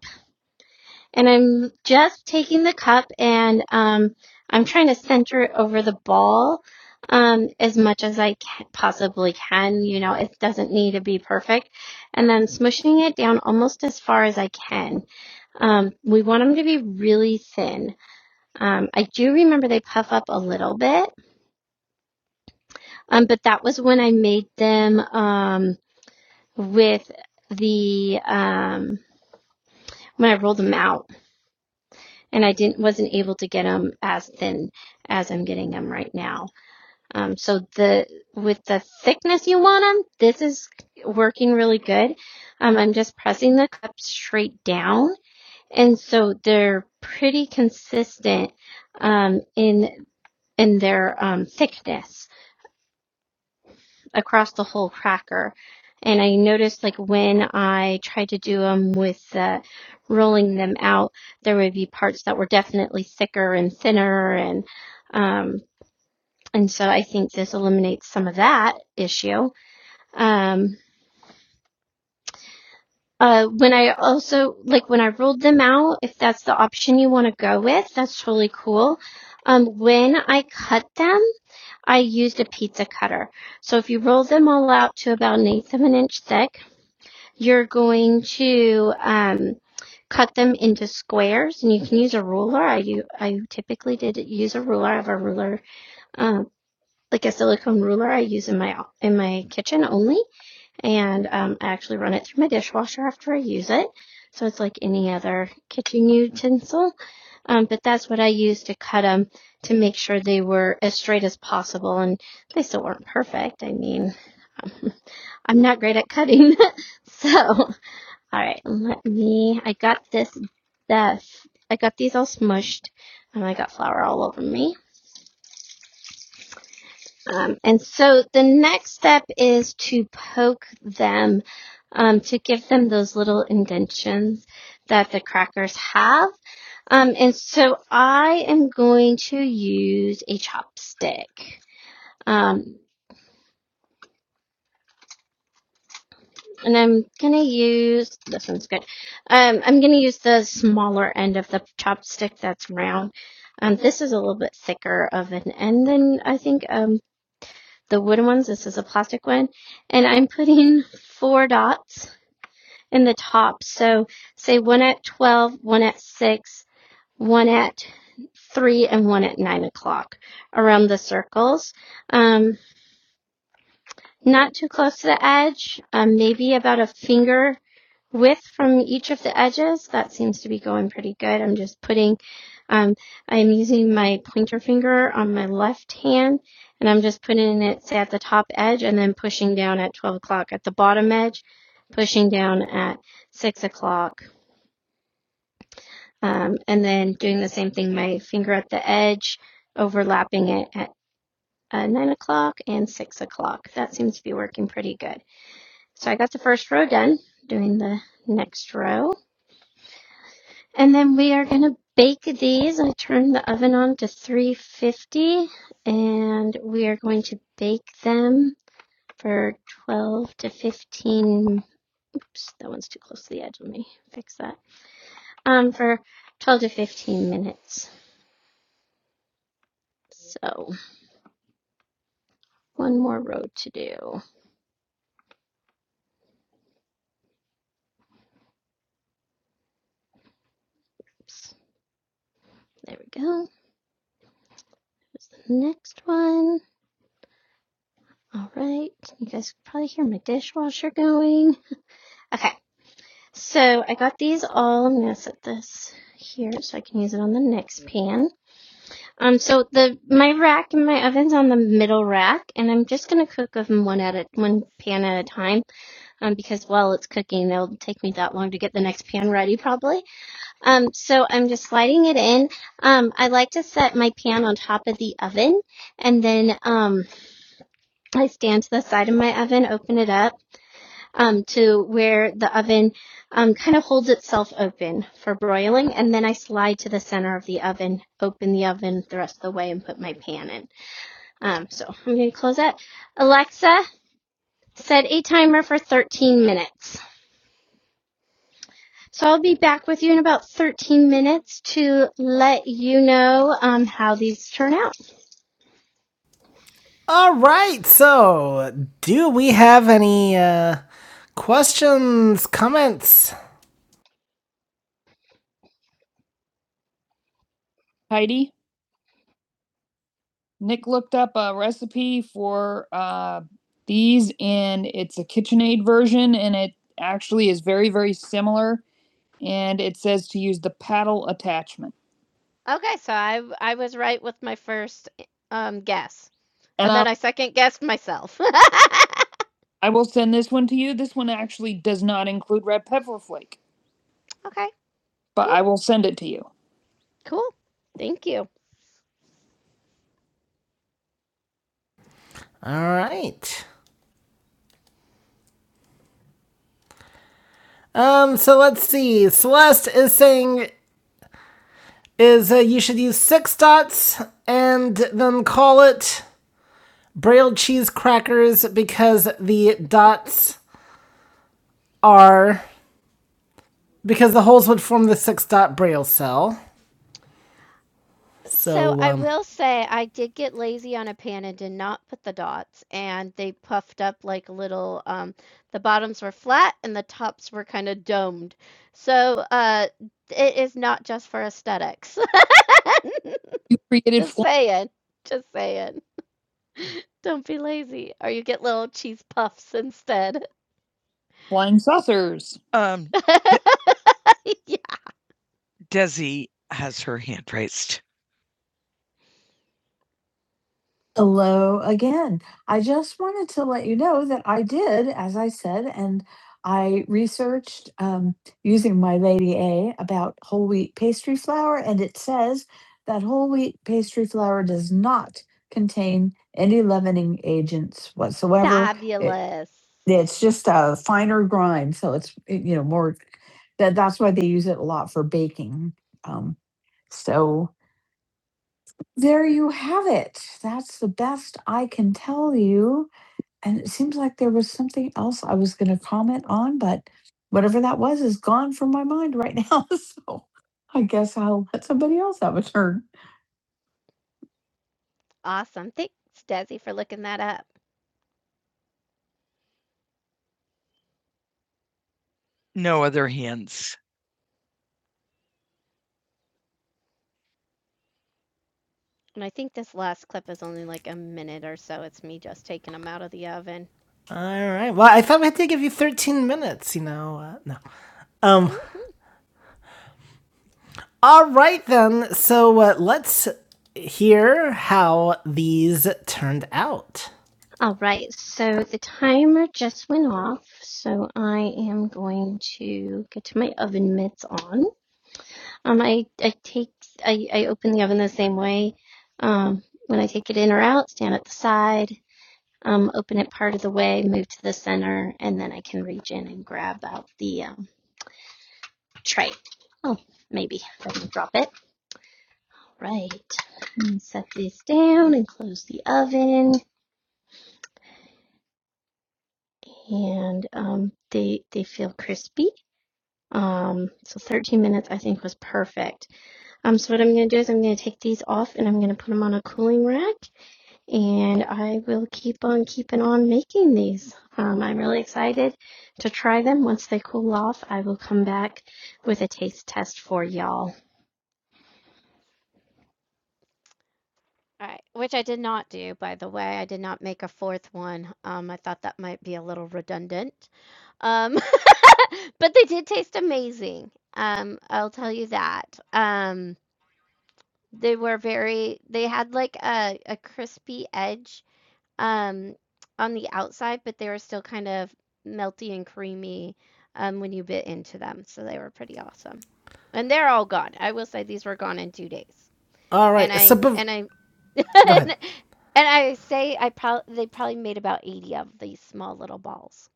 and I'm just taking the cup and um I'm trying to center it over the ball um as much as I can, possibly can, you know, it doesn't need to be perfect. And then smushing it down almost as far as I can. Um we want them to be really thin. Um I do remember they puff up a little bit. Um but that was when I made them um with the um when I rolled them out and I didn't wasn't able to get them as thin as I'm getting them right now. Um, so the with the thickness you want them, this is working really good. Um, I'm just pressing the cup straight down, and so they're pretty consistent um, in in their um, thickness across the whole cracker. And I noticed like when I tried to do them with uh, rolling them out, there would be parts that were definitely thicker and thinner, and um, and so I think this eliminates some of that issue. Um, uh, when I also like when I rolled them out, if that's the option you want to go with, that's totally cool. Um, when I cut them, I used a pizza cutter. So if you roll them all out to about an eighth of an inch thick, you're going to um, cut them into squares, and you can use a ruler. I do, I typically did use a ruler. I have a ruler, um, like a silicone ruler. I use in my in my kitchen only, and um, I actually run it through my dishwasher after I use it. So it's like any other kitchen utensil, um, but that's what I used to cut them to make sure they were as straight as possible, and they still weren't perfect. I mean. *laughs* um, I'm not great at cutting, *laughs* so all right, let me. I got this. This. I got these all smushed, and I got flour all over me. Um, and so the next step is to poke them, um, to give them those little indentions that the crackers have. Um, and so I am going to use a chopstick. Um, and I'm gonna use this one's good. Um, I'm gonna use the smaller end of the chopstick that's round. Um, this is a little bit thicker of an end than I think um the wooden ones. This is a plastic one, and I'm putting *laughs* four dots in the top. So say one at twelve, one at six, one at three, and one at nine o'clock around the circles. Um, not too close to the edge, um, maybe about a finger width from each of the edges. That seems to be going pretty good. I'm just putting, um, I'm using my pointer finger on my left hand and I'm just putting it, say, at the top edge and then pushing down at 12 o'clock at the bottom edge, pushing down at 6 o'clock, um, and then doing the same thing, my finger at the edge, overlapping it at uh, 9 o'clock and 6 o'clock. That seems to be working pretty good. So I got the first row done, doing the next row. And then we are going to bake these. I turned the oven on to 350 and we are going to bake them for 12 to 15 oops, that one's too close to the edge. Let me fix that. Um, for 12 to 15 minutes. So one more row to do. Oops, there we go. There's the next one. All right. You guys can probably hear my dishwasher going. Okay. So I got these all. I'm gonna set this here so I can use it on the next pan. Um, so the my rack and my oven's on the middle rack, and I'm just gonna cook them one at a one pan at a time. Um, because while it's cooking, it'll take me that long to get the next pan ready probably. Um, so I'm just sliding it in. Um, I like to set my pan on top of the oven, and then um, I stand to the side of my oven, open it up um, to where the oven um, kind of holds itself open for broiling. And then I slide to the center of the oven, open the oven the rest of the way, and put my pan in. Um, so I'm going to close that. Alexa, set a timer for 13 minutes. So I'll be back with you in about 13 minutes to let you know um, how these turn out. All right. So, do we have any uh, questions, comments? Heidi? Nick looked up a recipe for uh, these, and it's a KitchenAid version, and it actually is very, very similar. And it says to use the paddle attachment. Okay, so I I was right with my first um guess. And, And then I, I second guessed myself. *laughs* I will send this one to you. This one actually does not include red pepper flake, okay, but cool. I will send it to you. cool. Thank you. All right. Um, so let's see. Celeste is saying is uh, you should use six dots and then call it braille cheese crackers because the dots are because the holes would form the six dot braille cell. So, So um, I um, will say I did get lazy on a pan and did not put the dots, and they puffed up like little. Um, the bottoms were flat and the tops were kind of domed. So uh, it is not just for aesthetics. *laughs* You created just saying. Just saying. Don't be lazy, or you get little cheese puffs instead. Flying saucers. Um, *laughs* Yeah. Desi has her hand raised. Hello again. I just wanted to let you know that I did, as I said, and I researched um, using my Lady A about whole wheat pastry flour, and it says that whole wheat pastry flour does not contain any leavening agents whatsoever. It, Fabulous. it's just a finer grind, so it's eh, you know more that that's why they use it a lot for baking. Um, so there you have the best I can tell you. And it seems like there was something else I was going to comment on, but whatever that was is gone from my mind right now. *laughs* So I guess I'll let somebody else have a turn. Awesome. Thanks, Desi, for looking that up. No other hints. And I think this last clip is only like a minute or so. It's me just taking them out of the oven. All right. Well, I thought we had to give you 13 minutes, you know. Uh, no. Um All right, then. So uh, let's hear how these turned out. All right, so the timer just went off, so I am going to get to my oven mitts on. Um, I, I take I, I open the oven the same way. Um, when I take it in or out, stand at the side, um, open it part of the way, move to the center, and then I can reach in and grab out the um, tray. Oh, maybe if I can drop it. Right. And set these down and close the oven. And um, they they feel crispy. Um, so 13 minutes I think was perfect. Um, so what I'm gonna do is I'm gonna take these off and I'm gonna put them on a cooling rack. and I will keep on keeping on making these. Um, I'm really excited to try them. Once they cool off, I will come back with a taste test for y'all. Right, which I did not do, by the way. I did not make a fourth one. Um, I thought that might be a little redundant. Um, *laughs* but they did taste amazing. Um, I'll tell you that. Um, they were very they had like a a crispy edge um on the outside, but they were still kind of melty and creamy um when you bit into them. So they were pretty awesome. And they're all gone. I will say these were gone in 2 days. All right. And right. I So, bef- and I *laughs* go and, I say I probably they probably made about 80 of these small little balls.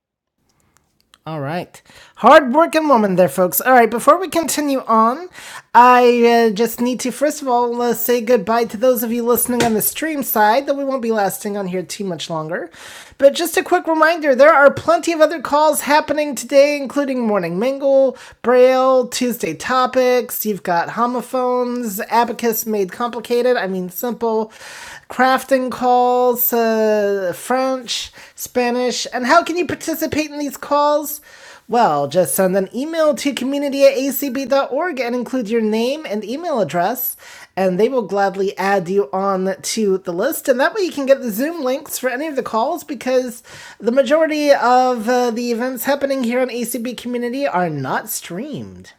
All right. Hard working woman there, folks. All right. Before we continue on, I uh, just need to, first of all, uh, say goodbye to those of you listening on the stream side, though we won't be lasting on here too much longer. But just a quick reminder there are plenty of other calls happening today, including Morning Mingle, Braille, Tuesday Topics. You've got homophones, Abacus Made Complicated, I mean Simple, crafting calls, uh, French, Spanish. And how can you participate in these calls? Well, just send an email to community at acb dot org and include your name and email address, and they will gladly add you on to the list. And that way you can get the Zoom links for any of the calls because the majority of uh, the events happening here on ACB Community are not streamed.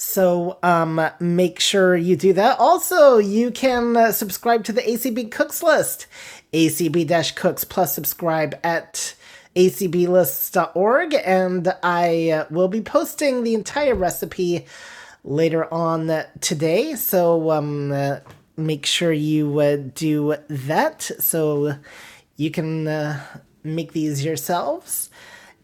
So um, make sure you do that. Also, you can uh, subscribe to the ACB Cooks list, ACB Cooks, plus subscribe at A C B Lists dot org, And I uh, will be posting the entire recipe later on today. So um, uh, make sure you uh, do that so you can uh, make these yourselves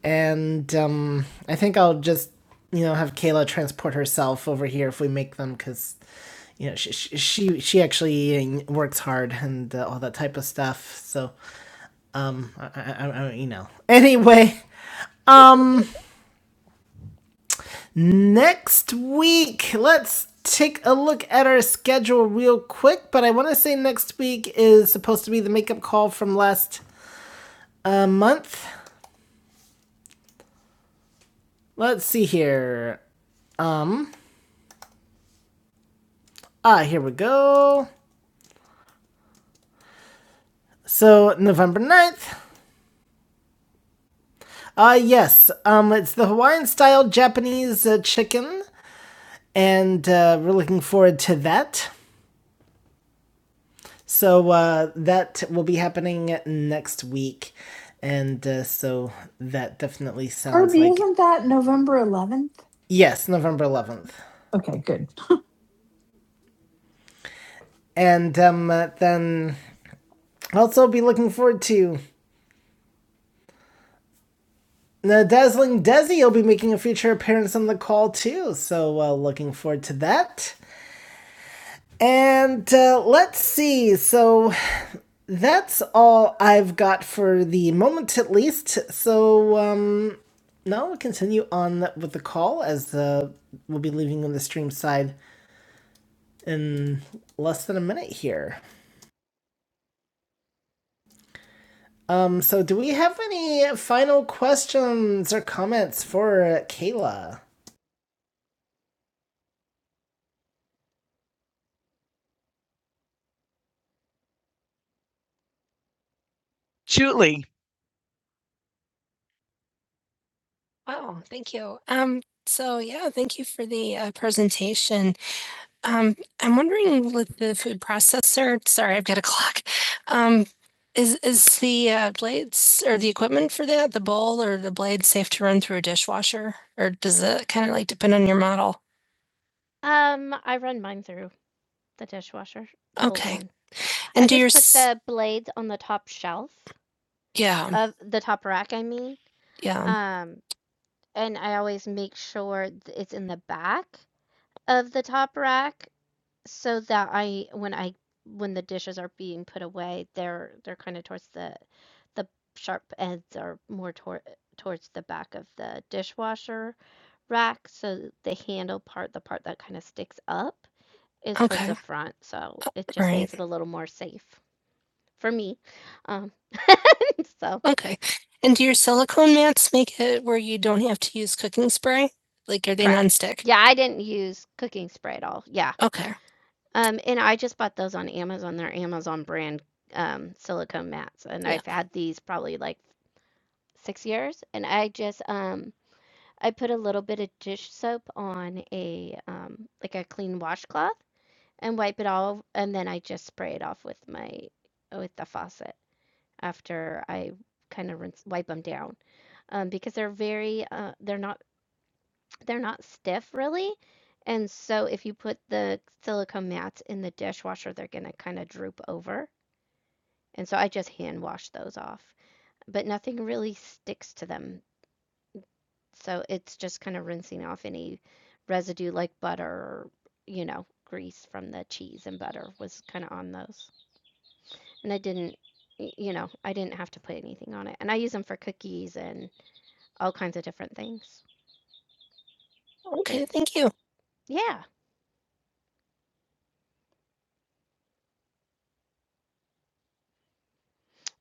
and um, I think I'll just you know have Kayla transport herself over here if we make them because you know she she she actually um, works hard and uh, all that type of stuff. So I, I, I you know anyway. Um, next week let's take a look at our schedule real quick. But I want to say next week is supposed to be the makeup call from last uh, month. Let's see here. Um, ah, here we go. So, November ninth, Uh, yes, um, it's the Hawaiian style Japanese uh, chicken, and uh, we're looking forward to that. So, uh, that will be happening next week. And uh, so that definitely sounds Kirby, like. is Yes, November 11th. And um, uh, then also be looking forward to the Dazzling Desi will be making a future appearance on the call too. So uh, looking forward to that. And uh, let's see. So that's all I've got for the moment, at least. So um, now we'll continue on with the call as uh, we'll be leaving on the stream side in less than a minute here. Um, so do we have any final questions or comments for uh, Kayla? Julie. Thank you. So yeah, the, and um, I'm wondering with the food processor, is is the uh, blades or the equipment dishwasher or at all? Um, I run mine through the dishwasher. Okay. one. And I do your just s- put the blades on the top shelf yeah, of the top rack. I mean, yeah. um, and I always make sure th- it's in the back of the top rack so that I when I when the dishes are being put away, they're they're kind of towards the the sharp ends are more toward towards the back of the dishwasher rack. So the handle part, the part that kind of sticks up, is towards the Okay. front. So it just Right. makes it a little more safe for me. Um, *laughs* so Okay. And do you nonstick? yeah, I didn't use cooking spray at all. Yeah, Um, and I just bought those on Amazon. They're Amazon brand um, silicone mats, and Yeah. I've had these probably like six years. And I just um, I put a little bit of dish soap on a um, like a clean washcloth and wipe it all, and then I just spray it off with my with the faucet after I kind of rinse wipe them down, um, because they're very uh, they're not they're not stiff really, and so if you put the silicone mats in the dishwasher, they're gonna kinda droop over, and so I just hand wash those off. But nothing really sticks to them, so it's just kinda rinsing off any residue like butter or, you know, grease from the cheese and butter Mhm. was kinda on those. And I didn't you know, I didn't have to put anything on it, and I use them for cookies and all kinds of different things. Okay, thank you. Yeah.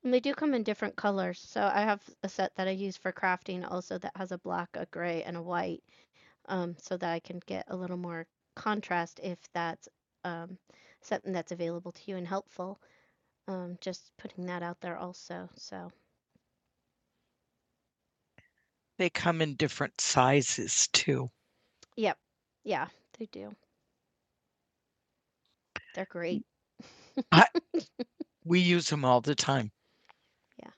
And they do come in different colors. So I have a set that I use for crafting also that has a black, a gray, and a white, um, so that I can get a little more contrast if that's um, something that's available to you and helpful. Um, just putting that out there also. So, They come in different sizes too. yep. Yeah, they do. They're great. *laughs* I, we use them all the time. Yeah.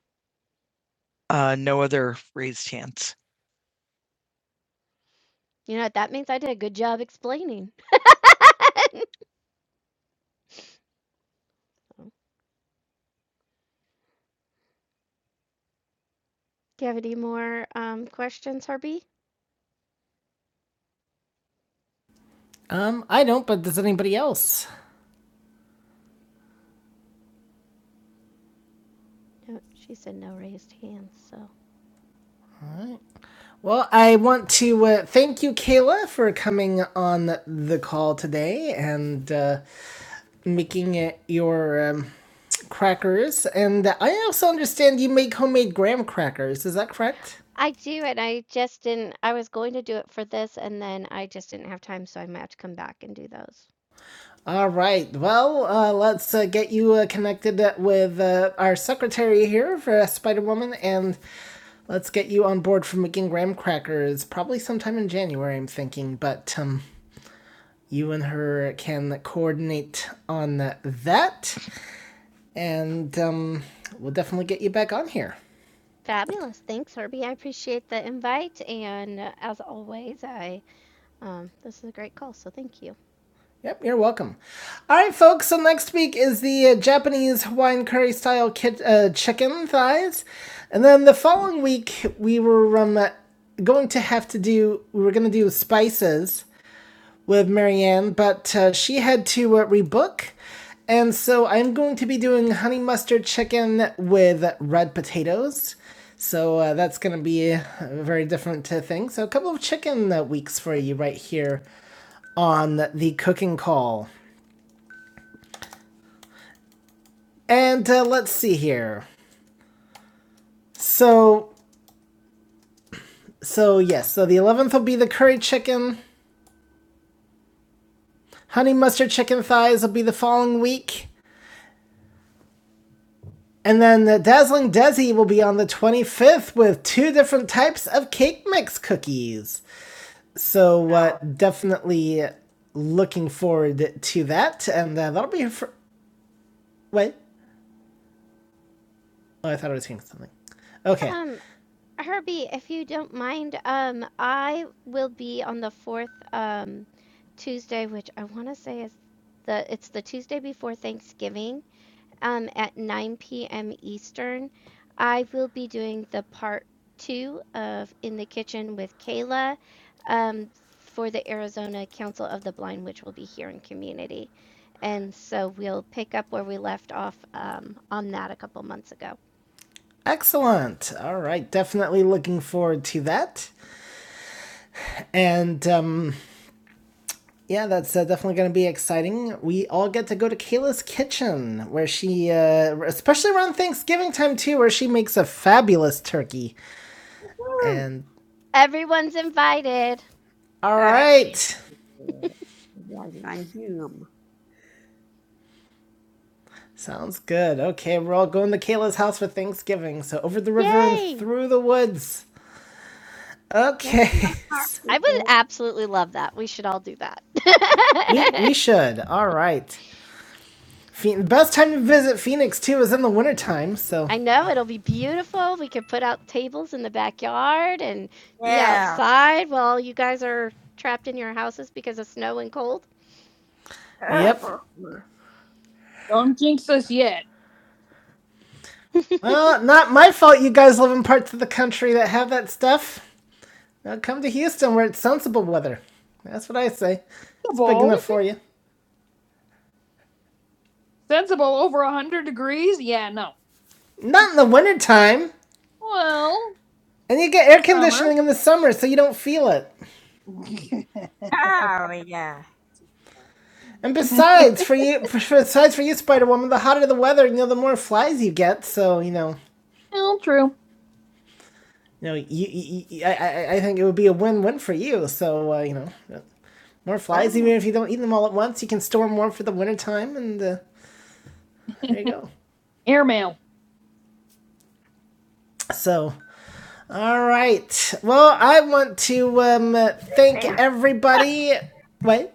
Uh, no other raised hands. You know what? That means I did a good job explaining. Do you have any more um, questions, Herbie? Um, I don't, but does anybody else? No, she said no raised hands. So Well, I want to uh, thank you, Kayla, for coming on the call today and uh, making it your um, crackers. And I also understand you make homemade graham crackers. Is that correct? I do, and I just didn't. I was going to do it for this, and then I just didn't have time, so I might have to come back and do those. All right. Well, uh, let's uh, get you uh, connected uh, with uh, our secretary here for Spider Woman, and let's get you on board for making graham crackers. Probably sometime in January, I'm thinking. But um, you and her can coordinate on that, and um, we'll definitely get you back on here. Fabulous. Thanks, Herbie. I appreciate the invite. And uh, as always, I um, this is a great call, so thank you. Yep, you're welcome. All right, folks. So next week is the uh, Japanese Hawaiian curry style kit, uh, chicken thighs, and then the following week we were um, going to have to do we were going to do spices with Marianne, but uh, she had to uh, rebook, and so I'm going to be doing honey mustard chicken with red potatoes. So uh, that's going to be a very different uh, thing. So a couple of chicken uh, weeks for you right here on the cooking call. And uh, let's see here. So, so yes, so the 11th will be the curry chicken. Honey mustard chicken thighs will be the following week. And then the Dazzling Desi will be on the 25th with two different types of cake mix cookies. So, uh, definitely looking forward to that. And uh, that'll be her for. Wait. Oh, I thought I was hearing something. Okay. Um, Herbie, if you don't mind, um, I will be on the fourth um, Tuesday, which I want to say is the it's the Tuesday before Thanksgiving, um, at 9 p.m. Eastern. I will be doing the part two of In the Kitchen with Kayla, um, for the Arizona Council of the Blind, which will be here in community, and so we'll pick up where we left off um, on that a couple months ago. Excellent. All right. Definitely looking forward to that. And um, yeah, that's uh, definitely going to be exciting. We all get to go to Kayla's kitchen, where she, uh, especially around Thanksgiving time too, where she makes a fabulous turkey. And Everyone's invited. all right. Sounds good. Okay, we're all going to Kayla's house for Thanksgiving. So over the river Yay. and through the woods. Okay. *laughs* I would absolutely love that. We should all do that. *laughs* we, we should. All right. Phe- best time to visit Phoenix too is in the wintertime, so I know it'll be beautiful. We could put out tables in the backyard and yeah. be Yeah. outside while you guys are trapped in your houses because of snow and cold. Yep. *laughs* Don't jinx us yet. *laughs* well, not my fault you guys live in parts of the country that have that stuff. Now come to Houston where it's sensible weather. That's what I say. It's big enough for you. Sensible over a hundred degrees? Yeah, no. Not in the wintertime. Well, And you get air conditioning summer. in the summer, so you don't feel it. Oh yeah. And besides, *laughs* for you, for, besides for you, Spider Woman, the hotter the weather, you know, the more flies you get. So you know, well, true. you know, you, you, you- I, I, I think it would be a win-win for you. So uh, you know, more flies, even if you don't eat them all at once, you can store more for the wintertime, and uh, there you go. *laughs* Airmail. So All right. Well, I want to um, thank everybody. *laughs* Wait.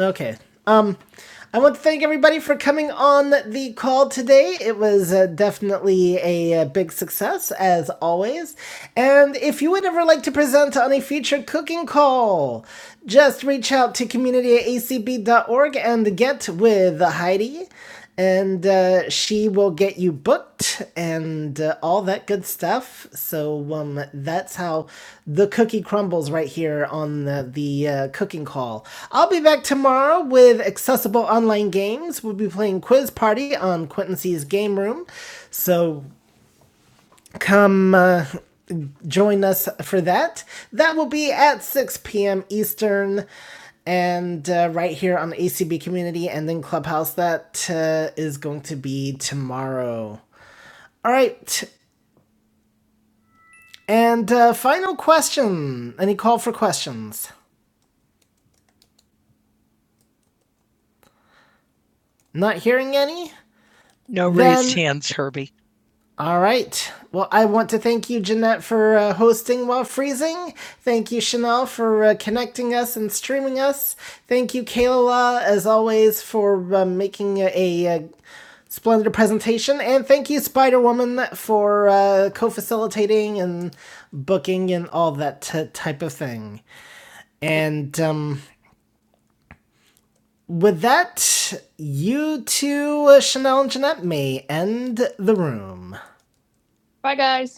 Okay. Um, I want to thank everybody for coming on the call today. It was uh, definitely a, uh big success, as always. And if you would ever like to present on a future cooking call, just reach out to community at acb.org and get with Heidi. and uh, she will get you booked and uh, all that good stuff. So um, that's how the cookie crumbles right here on the, the uh, cooking call. I'll be back tomorrow with accessible online games. We'll be playing Quiz Party on Quinton C's Game Room. So come uh, join us for that. That will be at 6 p.m. Eastern and uh, right here on ACB Community and then Clubhouse. That uh, is going to be tomorrow. All right. And uh, final question. Any call for questions? Not hearing any? No raised Then hands, Herbie. All right. Well, I want to thank you, Jeanette, for uh, hosting while freezing. Thank you, Chanel, for uh, connecting us and streaming us. Thank you, Kayla, as always, for uh, making a, a splendid presentation. And thank you, Spider Woman, for uh, co facilitating and booking and all that t- type of thing. And um, with that, you two, uh, Chanel and Jeanette, may end the room. Bye, guys.